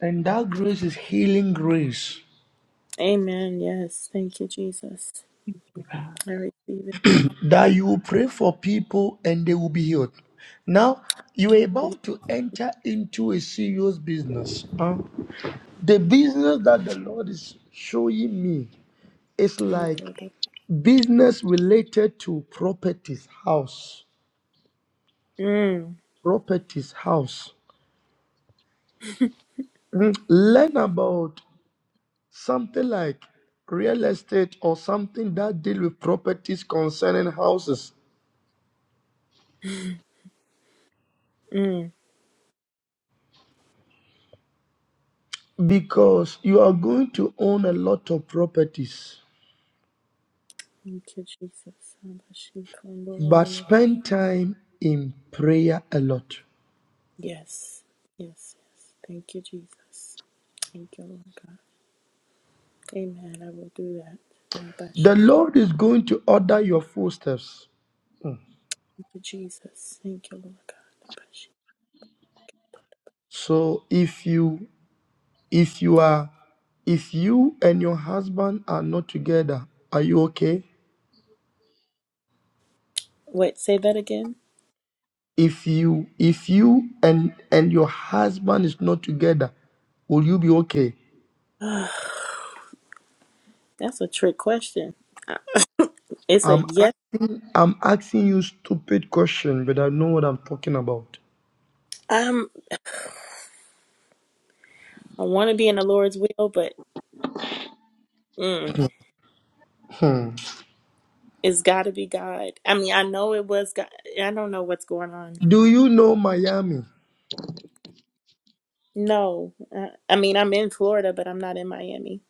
D: and that grace is healing grace
F: Amen. Yes. Thank you, Jesus. I receive it.
D: that you will pray for people and they will be healed. Now, you are about to enter into a serious business. huh? The business that the Lord is showing me It's
F: Thank
D: like
F: you, Lord.
D: business related to properties, house,
F: Mm,
D: properties, house. Mhm. Learn about something like real estate or something that deal with properties concerning houses
F: mm.
D: because you are going to own a lot of properties
F: Thank you,
D: but
F: Jesus.
D: spend time in prayer a lot
F: Yes, yes, yes. Thank you, Jesus. Thank you, Lord God. Amen. I will do that. Uh,
D: the
F: Bashi.
D: lord is going to order your footsteps
F: Thank you, Jesus. Thank you, Lord God. Bashi.
D: so if you If you are if you and your husband are not together, are you okay?
F: Wait, say that again.
D: If you if you and and your husband is not together, will you be okay?
F: That's a trick question. Uh, It's a
D: I'm
F: yes.
D: asking I'm asking you stupid question, but I know what I'm talking about.
F: Um, I want to be in the Lord's will, but mm, it's got to be God. I mean, I know it was God. I don't know what's going on.
D: Do you know Miami?
F: No, uh, I mean, I'm in Florida, but I'm not in Miami.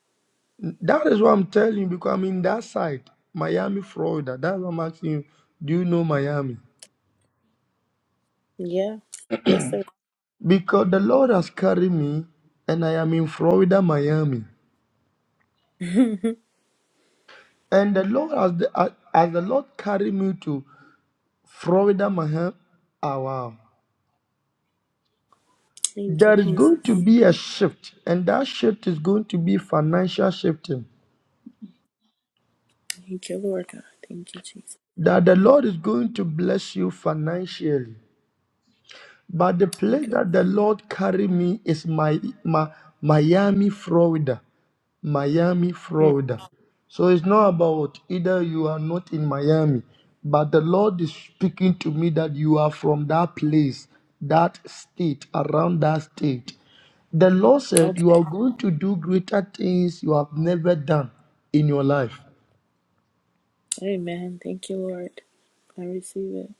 D: That is what I'm telling you because I'm in that side, Miami, Florida. That's what I'm asking you. Do you know Miami?
F: Yeah. Yes, sir.
D: Because the Lord has carried me and I am in Florida, Miami.
F: Thank
D: And the Lord, as the, as as the Lord carried me to Florida, Miami, oh, wow,
F: you,
D: there is going to
F: Jesus.
D: be a shift, and that shift is going to be financial shifting.
F: Thank you, Lord God. Thank you, Jesus.
D: That the Lord is going to bless you financially. But the place
F: Thank
D: that the Lord carried me is my, my Miami, Florida. Miami,
F: you. Mm,
D: Florida. So it's not about either you are not in Miami, but the Lord is speaking to me that you are from that place, that state, around that state. The Lord said you are
F: okay.
D: going to do greater things you have never done in your life.
F: Amen. Thank you, Lord. I receive it.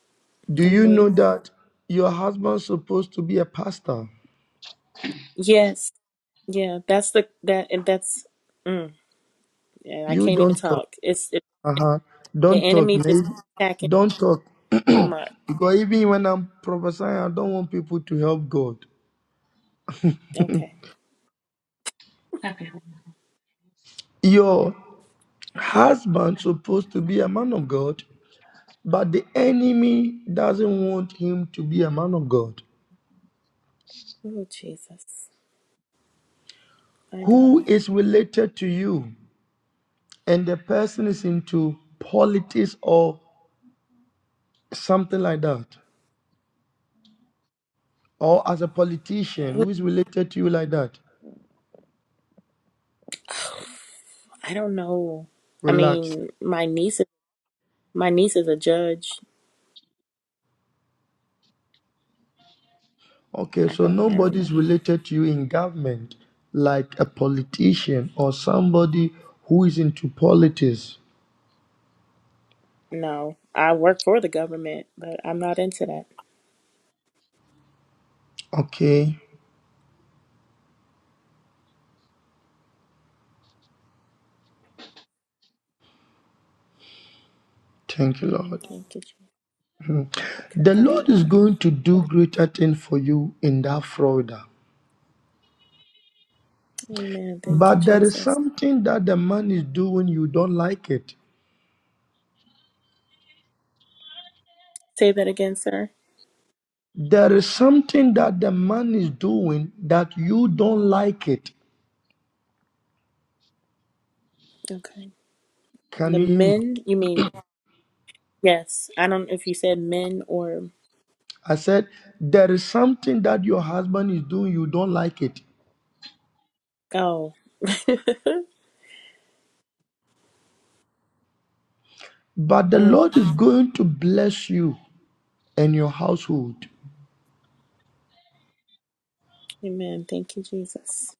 D: Do
F: I'm
D: you
F: waiting.
D: know that your husband's supposed to be a pastor?
F: Yes. Yeah. That's the that and that's. Mm, yeah. I
D: You
F: can't even
D: don't talk.
F: talk. It's it,
D: Uh-huh.
F: the
D: Don't talk,
F: enemy just
D: Nate.
F: attacking
D: Don't talk.
F: too much.
D: because even when I'm prophesying, I don't want people to help God.
F: Okay.
B: Happy
D: Your husband supposed to be a man of God, but the enemy doesn't want him to be a man of God.
F: Oh Jesus. My
D: Who
F: God.
D: is related to you and the person is into politics or something like that, or as a politician
F: Who-
D: who is related to you like that?
F: I don't know. I
D: Relax.
F: mean, my niece. is My niece is a judge.
D: Okay,
F: I
D: so
F: don't. I don't
D: nobody's
F: know.
D: related to you in government, like a politician or somebody who is into politics.
F: No, I work for the government, but I'm not into that.
D: Okay, thank you,
F: Mm,
D: Lord.
F: thank you,
D: The Lord is going to do greater things for you in that Florida.
F: Amen. Thank you,
D: But there is
F: Jesus.
D: something that the man is doing, you don't like it.
F: Say that again, sir.
D: There is something that the man is doing that you don't like it.
F: Okay.
D: Can
F: The
D: you hear me?
F: men, you mean? Yes. I don't know if you said men or.
D: I said, there is something that your husband is doing, you don't like it.
F: Oh.
D: But the
F: Mm.
D: Lord is going to bless you and your household.
F: Amen. Thank you, Jesus.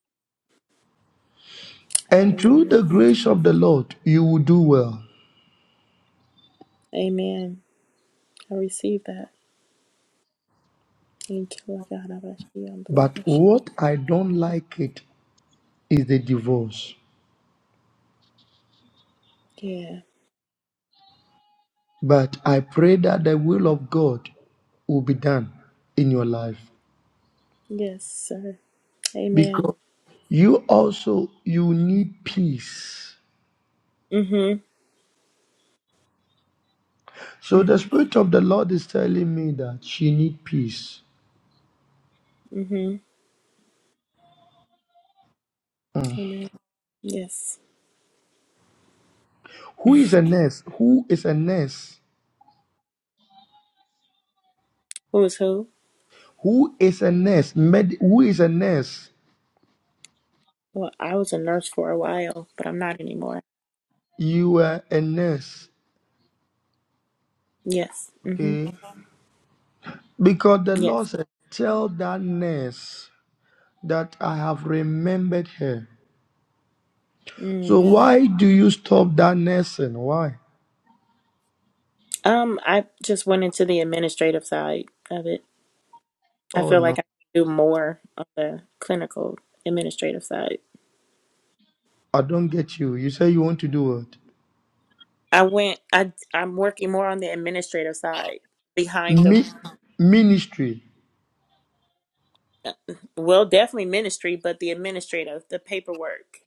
D: And through
F: Hallelujah.
D: the
F: Thank you.
D: grace of the Lord, you will do well.
F: Amen. I receive that. Thank you, Lord God. I bless you. I'm gonna
D: But
F: go shake
D: what
F: it.
D: I don't like it is the divorce.
F: Yeah.
D: But I pray that the will of God will be done in your life.
F: Yes, sir. Amen.
D: Because you also you need peace.
F: Mm-hmm.
D: So the
F: Mm-hmm.
D: Spirit of the Lord is telling me that she need peace.
F: Mm-hmm. Amen. Yes. Who
D: Who is a nurse? Who is a nurse?
F: was who?
D: Who is a nurse? Med- who is a nurse?
F: Well, I was a nurse for a while, but I'm not anymore.
D: you were a nurse,
F: Yes. hmm
D: okay? Because the
F: Yes.
D: Lord said, Tell that nurse that I have remembered her. So
F: Mm.
D: why do you stop that nursing? Why?
F: Um, I just went into the administrative side of it. I
D: Oh
F: feel like
D: no,
F: I do more on the clinical administrative side.
D: I don't get you. You say you want to do what?
F: I went. I I'm working more on the administrative side behind the
D: Mi- ministry.
F: uh, well, definitely ministry, but the administrative, the paperwork.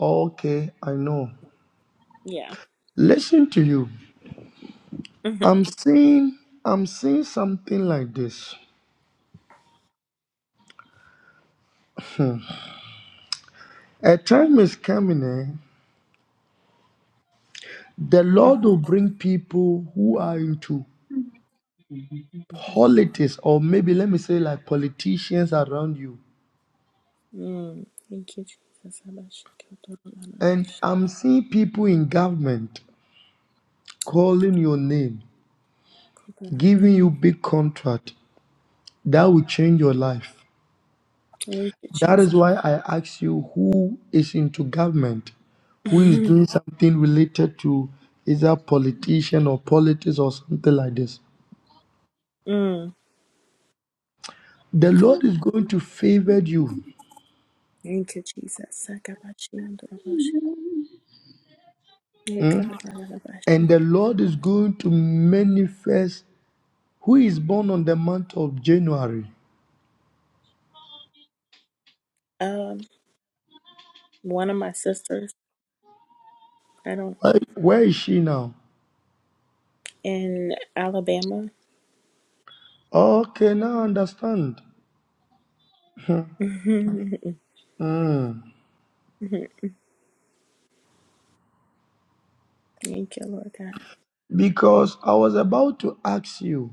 D: Okay, I know.
F: Yeah.
D: Listen to you.
F: hmm
D: I'm seeing I'm seeing something like this. A time is coming, eh? The Lord
F: hmm
D: will bring people who are into
B: holidays.
D: politics, or maybe let me say like politicians around you.
F: Mm. Thank you, Jesus. Thank
D: And I'm seeing people in government calling your name, giving you big contract that will change your life.
F: you,
D: That
F: Jesus.
D: is why I ask you who is into government, who is doing something related to either politician or politics or something like this.
F: Mm.
D: The Lord is going to favor you.
F: Thank you, Jesus. Yeah,
D: mm?
F: God, I love that shit.
D: And the Lord is going to manifest who is born on the month of January.
F: Um, one of my sisters, I don't
D: Like, where is she now?
F: in Alabama.
D: Okay, now I understand.
F: Thank
D: Mm.
F: you, Lord God.
D: Because I was about to ask you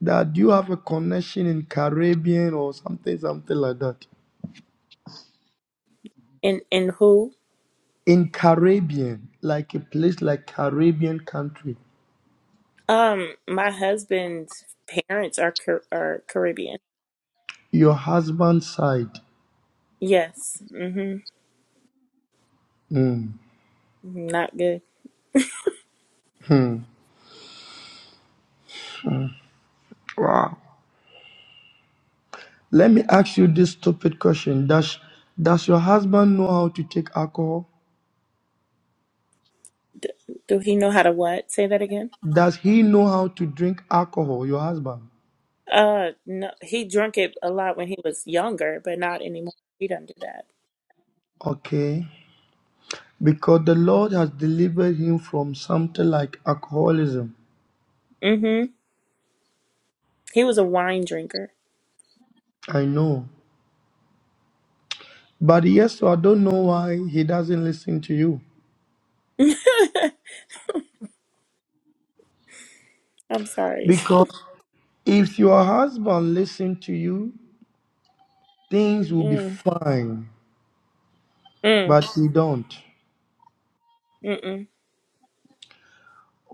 D: that do you have a connection in Caribbean or something, something like that?
F: And and who?
D: In Caribbean, like a place like Caribbean country,
F: Um, my husband's parents are Car- are Caribbean.
D: your husband's side.
F: Yes. Mm-hmm.
D: Mm.
F: Not good.
D: Hmm. Wow. Let me ask you this stupid question. Does does your husband know how to take alcohol?
F: D- do he know how to what? Say that again.
D: Does he know how to drink alcohol, your husband?
F: Uh, no, he drank it a lot when he was younger, but not anymore. He doesn't do that.
D: Okay. Because the Lord has delivered him from something like alcoholism.
F: Mm-hmm. He was a wine drinker.
D: I know. But yes, so I don't know why he doesn't listen to you.
F: I'm sorry.
D: Because if your husband listen to you, things will be
F: Mm,
D: fine.
F: mm,
D: But he don't.
F: mm-mm.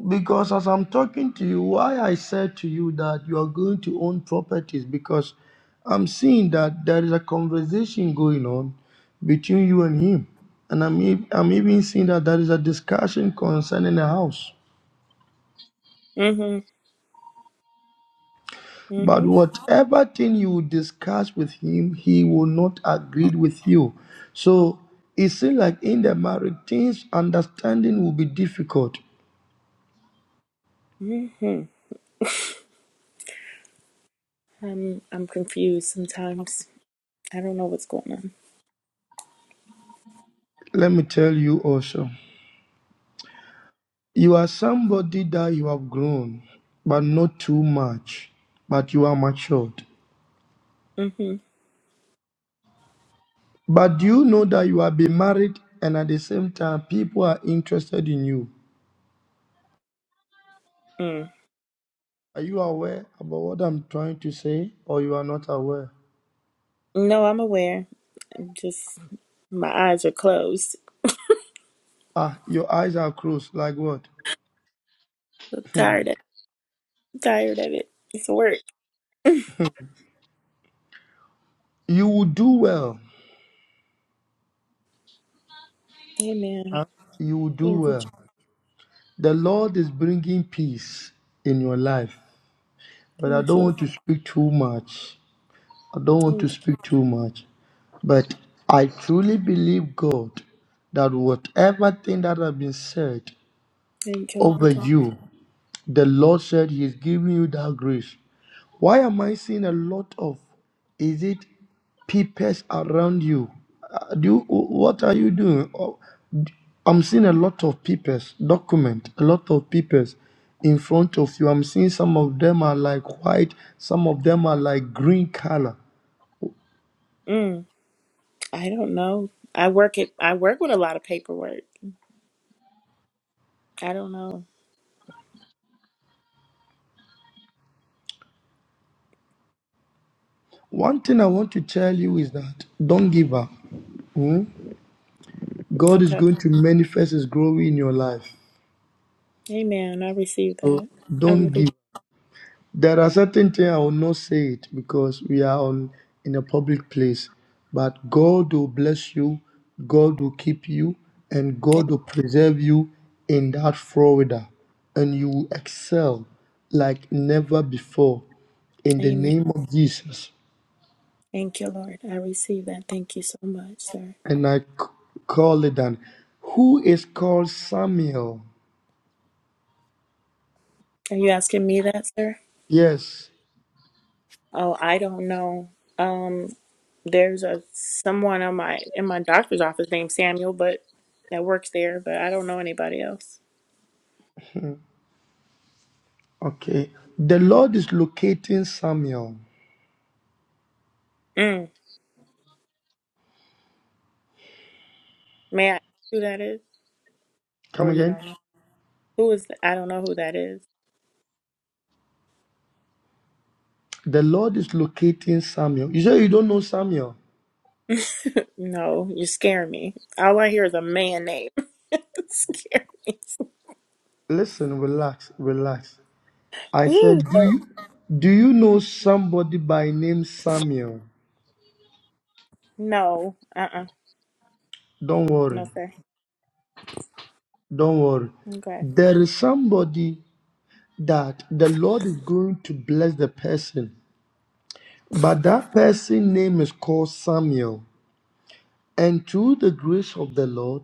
D: Because as I'm talking to you, why I said to you that you are going to own properties because I'm seeing that there is a conversation going on between you and him. And I'm, ev- I'm even seeing that there is a discussion concerning a house.
F: Mm-hmm.
D: But
F: Mm-hmm.
D: whatever thing you discuss with him, he will not agree with you. So it seems like in the marriage, things understanding will be difficult.
F: Mm-hmm. I'm I'm confused sometimes. I don't know what's going on.
D: Let me tell you also, you are somebody that you have grown, but not too much, but you are matured.
F: Mm-hmm.
D: But do you know that you have been married and at the same time people are interested in you?
F: Mm.
D: Are you aware about what I'm trying to say or you are not aware?
F: No, I'm aware. I'm just my eyes are closed.
D: Ah, your eyes are closed, like what?
F: I'm tired of I'm tired of it. It's work.
D: You will do well.
F: Amen.
D: Uh, You will do
F: Thank you.
D: well. The Lord is bringing peace in your life. But I
F: Thank
D: don't
F: you.
D: want to speak too much. I don't want
F: Thank
D: to
F: you.
D: speak too much. But I truly believe, God, that whatever thing that has been said
F: Thank you, Lord
D: over
F: God.
D: you, The Lord said He is giving you that grace. Why am I seeing a lot of is it peepers around you? Uh, do you- what are you doing? Oh, d- I'm seeing a lot of peepers, document, a lot of peepers in front of you. I'm seeing some of them are like white, some of them are like green color.
F: Mm. I don't know. I work it I work with a lot of paperwork. I don't know.
D: One thing I want to tell you is that don't give up. Hmm? God is
F: Okay.
D: going to manifest His glory in your life.
F: Amen. I receive
D: So
F: that. I
D: don't
F: really
D: give. There are certain things I will not say it because we are on in a public place. But God will bless you, God will keep you, and God will preserve you in that Florida, and you will excel like never before in the
F: Amen.
D: name of Jesus.
F: Thank you, Lord. I receive that. Thank you so much, sir.
D: And I c- call it done. Who is called Samuel?
F: Are you asking me that, sir?
D: Yes.
F: Oh, I don't know. Um, there's a someone on my in my doctor's office named Samuel, but that works there, but I don't know anybody else.
D: Okay. The Lord is locating Samuel.
F: Mm. May I ask who that is? Or
D: Come
F: you
D: again.
F: don't know? Who is that? I don't know who that is.
D: The Lord is locating Samuel. You say you don't know Samuel.
F: No, you scare me. All I hear is a man name. scare me.
D: Listen, relax, relax. I
F: Ooh,
D: said, do you, do you know somebody by name Samuel?
F: no. Uh uh
D: Don't
F: No,
D: worry.
F: sir.
D: Don't worry.
F: Okay.
D: There is somebody that the Lord is going to bless the person, but that person name is called Samuel. And through the grace of the Lord,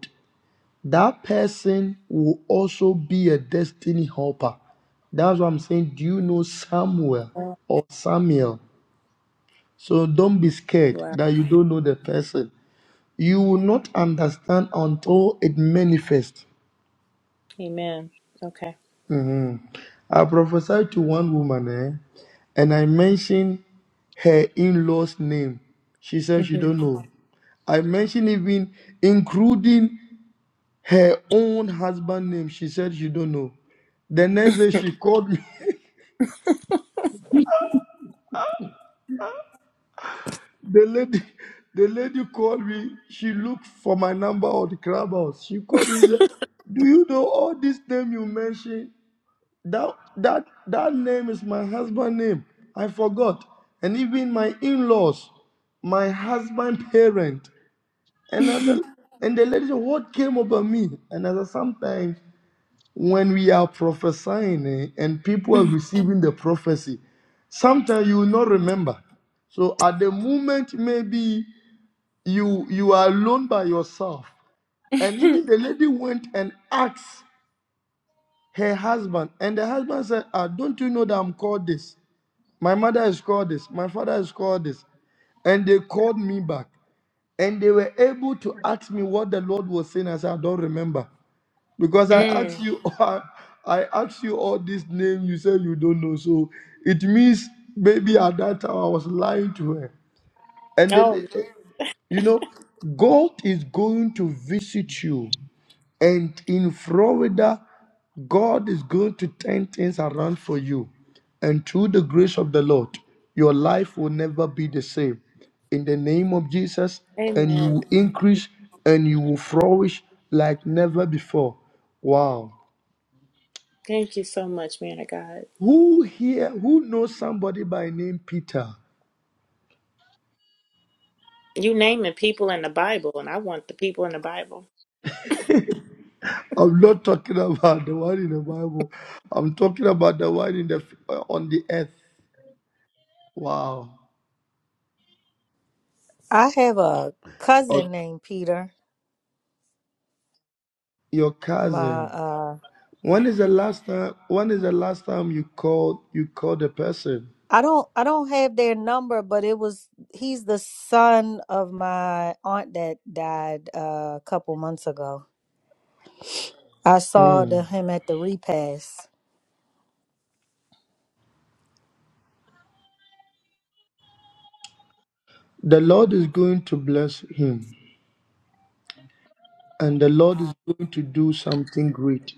D: that person will also be a destiny helper. That's what I'm saying. Do you know Samuel
F: Oh,
D: or Samuel? So don't be scared
F: wow.
D: that you don't know the person. You will not understand until it manifests.
F: Amen. Okay.
D: Mhm. I prophesied to one woman, eh, and I mentioned her in-laws' name. She said she
F: hmm
D: don't know. I mentioned even including her own husband name. She said she don't know. The next day she called me. The lady, the lady called me. She looked for my number on the clubhouse. She called me and said, "Do you know all this name you mentioned? That that that name is my husband's name. I forgot. And even my in-laws, my husband's parent." And I said, and the lady said, "What came over me?" And I said, "Sometimes when we are prophesying eh, and people are receiving the prophecy, sometimes you will not remember." So at the moment, maybe you you are alone by yourself. And even the lady went and asked her husband, and the husband said, Ah, don't you know that I'm called this? My mother is called this, my father is called this. And they called me back. And they were able to ask me what the Lord was saying. I said, I don't remember. Because I asked
F: mm.
D: you, I, asked you all this name, you said you don't know. So it means maybe at that time I was lying to her. And the
F: Oh,
D: later, you know, God is going to visit you. And in Florida, God is going to turn things around for you. And through the grace of the Lord, your life will never be the same. In the name of Jesus, and you
F: Amen.
D: will increase and you will flourish like never before. Wow.
F: Thank you so much, man of God.
D: Who here, who knows somebody by name Peter?
F: You naming people in the Bible, and I want the people in the Bible.
D: I'm not talking about the one in the Bible. I'm talking about the one in the uh, on the earth. Wow.
G: I have a
D: Or
G: cousin named Peter.
D: your
G: My
D: cousin.
G: uh
D: When is the last time when is the last time you called you called a person?
G: I don't I don't have their number, but it was he's the son of my aunt that died uh, a couple months ago. I saw the him at the repast.
D: The Lord is going to bless him and the Lord is going to do something great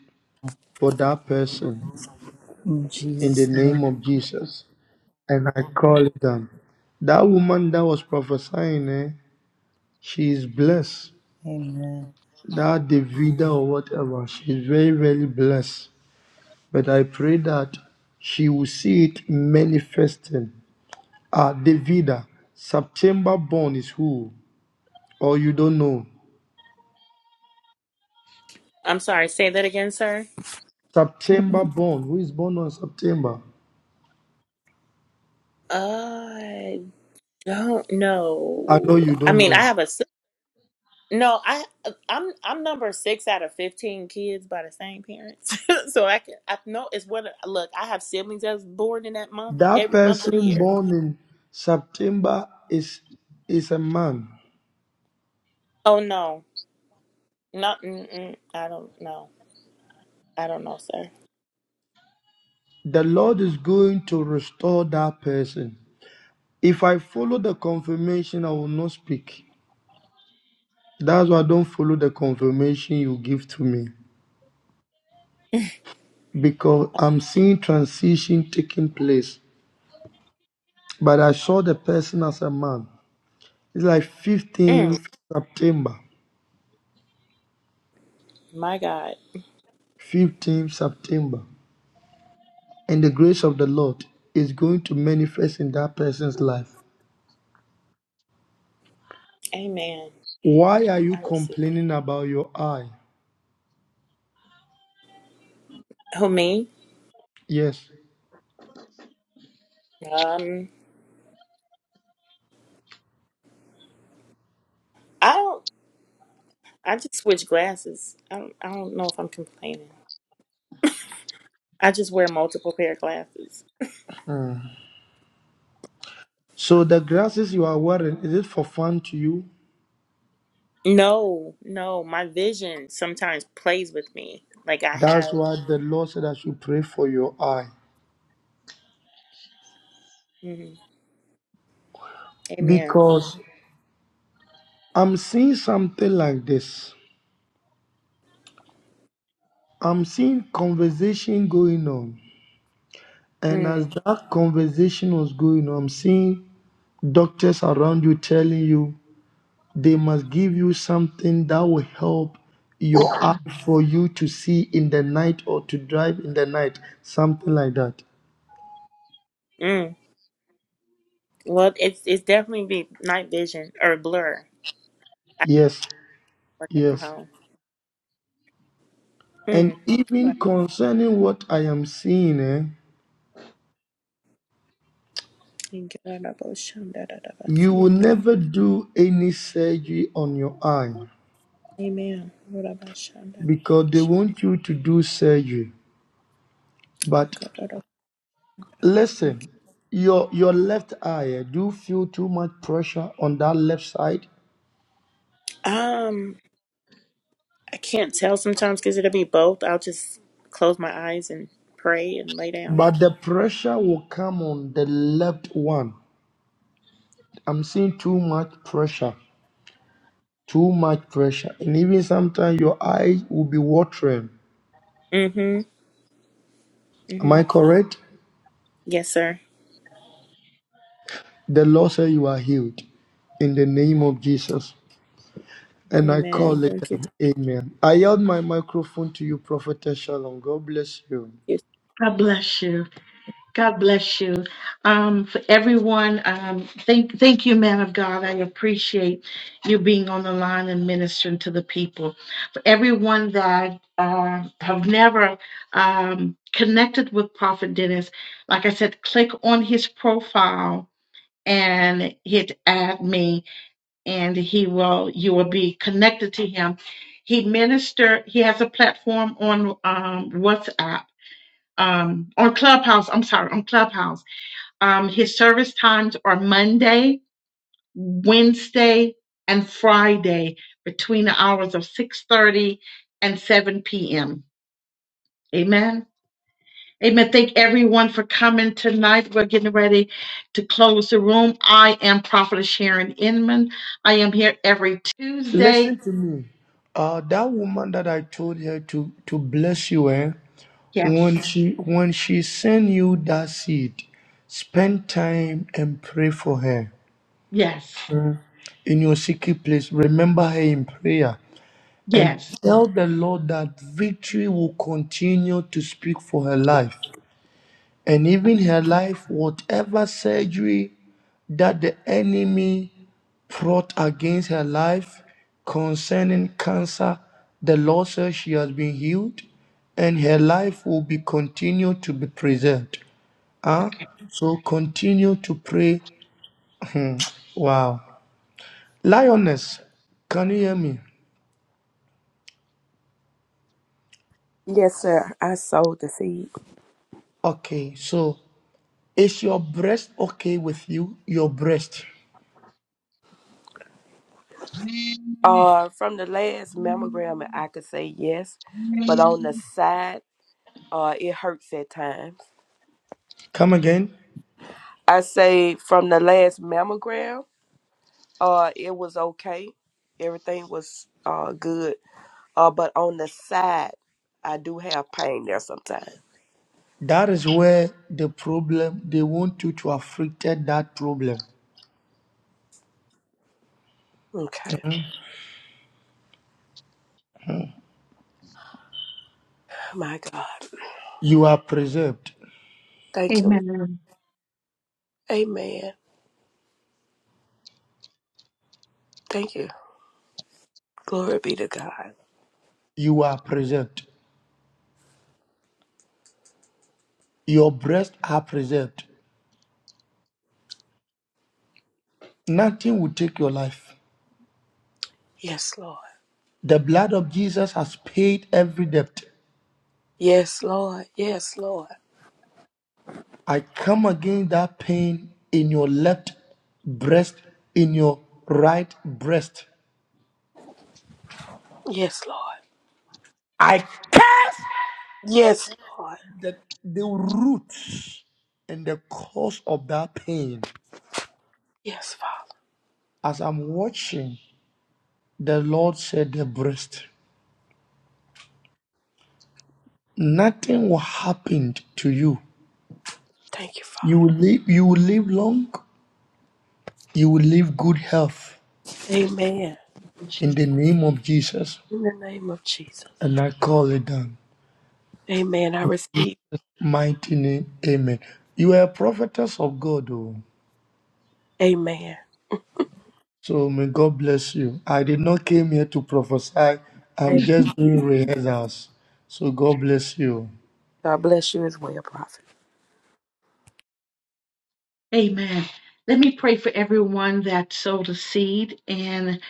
D: for that person
G: In
D: in the
G: Jesus'
D: name
G: name.
D: of Jesus. And I call them. That woman that was prophesying, eh, she is blessed.
G: Amen.
D: that Davida or whatever. She's very, very blessed. But I pray that she will see it manifesting. Ah, Davida, September born is who? Or you don't know?
F: I'm sorry, say that again, sir.
D: September born. Who is born on September?
F: I don't
D: I know
F: know.
D: you
F: I
D: don't
F: mean, I
D: know.
F: have a s- no. I uh, I'm I'm number six out of fifteen kids by the same parents, so I can I know it's what look. I have siblings that's born in that month
D: That
F: every month of the
D: person
F: year.
D: born in September is is a man.
F: Oh no, not mm-mm, I don't know. I don't know, sir.
D: The Lord is going to restore that person. If I follow the confirmation, I will not speak. That's why I don't follow the confirmation you give to me because I'm seeing transition taking place. But I saw the person as a man. It's like
F: Mm,
D: 15th September.
F: my God,
D: 15th September. And the grace of the Lord is going to manifest in that person's life.
F: Amen.
D: Why are you
F: I receive.
D: complaining about your eye?
F: Who me?
D: Yes.
F: Um, I don't. I just switch glasses. I don't. I don't know if I'm complaining. I just wear multiple pair of glasses.
D: So the glasses you are wearing, is it for fun to you?
F: No, no. My vision sometimes plays with me. Like I
D: That's
F: have.
D: why the Lord said I should pray for your eye.
F: Mm, amen.
D: Because I'm seeing something like this. I'm seeing conversation going on. And as
F: Mm,
D: that conversation was going on, I'm seeing doctors around you telling you they must give you something that will help your eye for you to see in the night or to drive in the night. Something like that.
F: mm. Well, it's it's definitely be night vision or blur. I
D: Yes,
F: working from
D: yes.
F: home.
D: And
F: Mm. Well,
D: even concerning what I am seeing, eh,
F: thank you, Lord, about Shanda, da, da, ba,
D: you
F: siya,
D: will
F: tra- ba.
D: never do any surgery on your eye.
F: Amen. Lord, about Shanda, da, ba,
D: because they
F: siya,
D: want you to do surgery.
F: ka,
D: But
F: da, da, thank
D: listen, your your left eye, eh, do you feel too much pressure on that left side?
F: you. Um, I can't tell sometimes because it'll be both. I'll just close my eyes and pray and lay down.
D: But the pressure will come on the left one. I'm seeing too much pressure, too much pressure, and even sometimes your eyes will be watering.
F: Mm-hmm.
D: Am
F: Mm-hmm.
D: I correct?
F: Yes, sir.
D: The Lord said you are healed in the name of Jesus. And I
F: Amen.
D: call it
F: Thank
D: an amen. I yield my microphone to you, Prophetess Shalom. God bless you.
F: you.
B: God bless you. God bless you. Um, for everyone, um, thank thank you, man of God. I appreciate you being on the line and ministering to the people. For everyone that uh, have never um, connected with Prophet Dennis, like I said, click on his profile and hit add me and he will you will be connected to him he minister he has a platform on um, whatsapp um, on clubhouse i'm sorry on clubhouse um, his service times are monday wednesday and friday between the hours of 6.30 and 7 p.m amen amen thank everyone for coming tonight we're getting ready to close the room i am prophetess sharon inman i am here every tuesday
D: Listen to me. Uh, that woman that I told her to to bless you, eh? When
B: Yes.
D: she when she send you that seed, spend time and pray for her
B: Yes.
D: in your secret place. Remember her in prayer and
B: Yes.
D: tell the Lord that victory will continue to speak for her life and even her life, whatever surgery that the enemy fought against her life concerning cancer. The Lord says she has been healed and her life will be continued to be preserved. Huh?
B: Okay.
D: So continue to pray. Hmm, Wow. Lioness, can you hear me?
E: Yes, sir. I sowed the seed.
D: Okay, so is your breast okay with you? Your breast.
E: Uh, from the last mammogram, I could say yes, but on the side, uh, it hurts at times.
D: Come again.
E: I say from the last mammogram, uh, it was okay. Everything was uh good. Uh, but on the side, I do have pain there sometimes.
D: That is where the problem, they want you to afflicted that problem.
E: Okay, my God.
D: You are preserved.
E: Thank you,
B: Amen.
E: Amen. Thank you. Glory be to God.
D: You are preserved. Your breasts are preserved. Nothing will take your life.
E: Yes, Lord.
D: The blood of Jesus has paid every debt.
E: Yes, Lord. Yes, Lord.
D: I come against that pain in your left breast, in your right breast.
E: Yes, Lord.
D: I curse
E: Yes, Lord.
D: the, the roots and the cause of that pain.
E: Yes, Father.
D: As I'm watching, the Lord said, The breast. Nothing will happen to you.
E: Thank you,
D: You
E: Father.
D: will live, you will live long You will live good health
E: Amen.
D: in
B: Jesus.
D: the name of Jesus.
E: In the name of Jesus.
D: And I call it done.
E: Amen. I receive.
D: Mighty name, amen. You are a prophetess of God, oh.
E: Amen.
D: so may God bless you. I did not came here to prophesy.
E: Amen.
D: I'm just doing rehearsals. So God bless you.
E: God bless you as well, Prophet.
B: Amen. Let me pray for everyone that sowed a seed, and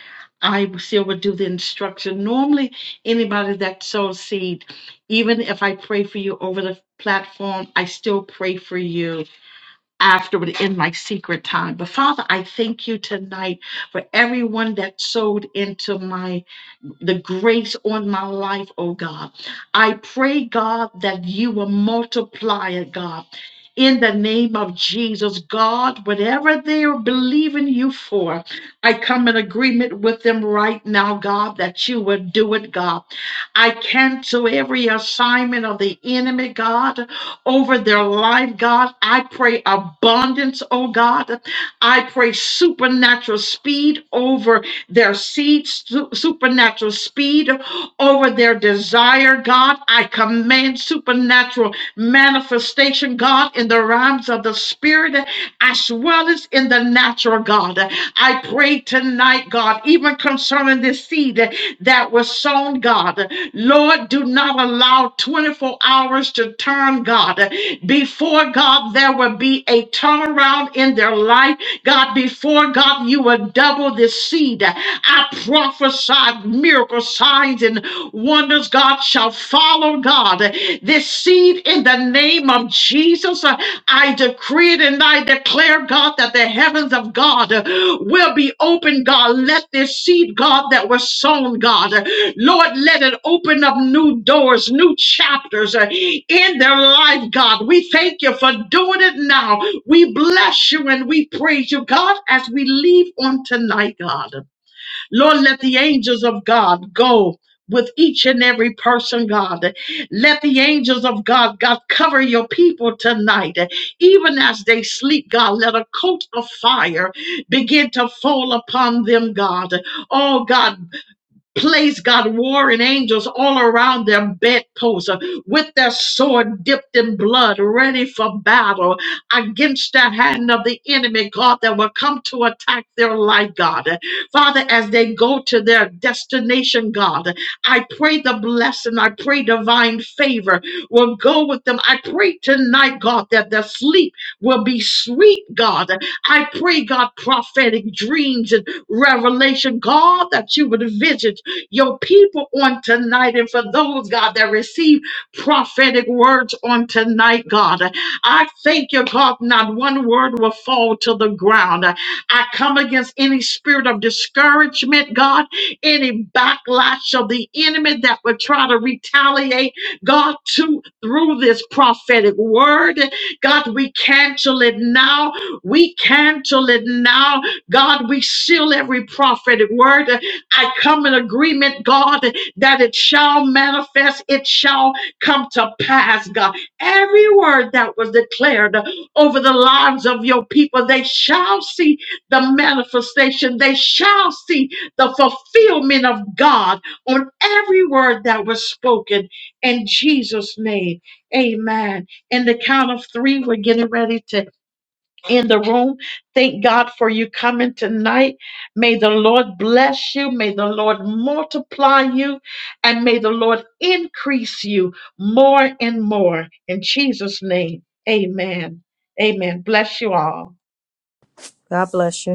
B: I still would do the instruction. Normally, anybody that sows seed, even if I pray for you over the platform, I still pray for you afterward in my secret time. But Father, I thank you tonight for everyone that sowed into my the grace on my life, oh God. I pray, God, that you will multiply it, God. In the name of Jesus, God, whatever they are believing you for, I come in agreement with them right now, God, that you will do it, God. I cancel every assignment of the enemy, God, over their life, God. I pray abundance, oh God. I pray supernatural speed over their seed su- supernatural speed over their desire, God. I command supernatural manifestation, God, in the realms of the spirit as well as in the natural, God. I pray tonight, God, even concerning this seed that was sown, God. Lord, do not allow 24 hours to turn, God. Before, God, there will be a turnaround in their life God, before God, you will double this seed. I prophesy miracle signs and wonders, God, shall follow God. This seed in the name of Jesus, uh, I decree it and I declare, God, that the heavens of God will be open, God. Let this seed, God, that was sown, God, Lord, let it open up new doors, new chapters uh, in their life, God. We thank you for doing it now. We bless you and we praise you, God, as we leave on tonight, God. Lord, let the angels of God go. With each and every person, God. Let the angels of God, God, cover your people tonight. Even as they sleep, God, let a coat of fire begin to fall upon them, God. Oh, God, place God warring angels all around their bedposts uh, with their sword dipped in blood, ready for battle against that hand of the enemy, God, that will come to attack their life, God. Father, as they go to their destination, God, I pray the blessing, I pray divine favor will go with them. I pray tonight, God, that their sleep will be sweet, God. I pray, God, prophetic dreams and revelation, God, that you would visit your people on tonight. And for those, God, that receive prophetic words on tonight, God, I thank you, God, not one word will fall to the ground. I come against any spirit of discouragement, God, any backlash of the enemy that would try to retaliate, God, to through this prophetic word. God, we cancel it now. We cancel it now. God, we seal every prophetic word. I come in agreement, God, that it shall manifest, it shall come to pass, God. Every word that was declared over the lives of your people, they shall see the manifestation, they shall see the fulfillment of God on every word that was spoken in Jesus' name. Amen. In the count of three, we're getting ready to in the room. Thank God for you coming tonight. May the Lord bless you. May the Lord multiply you. And may the Lord increase you more and more. In Jesus' name, amen. Amen. Bless you all.
G: God bless you.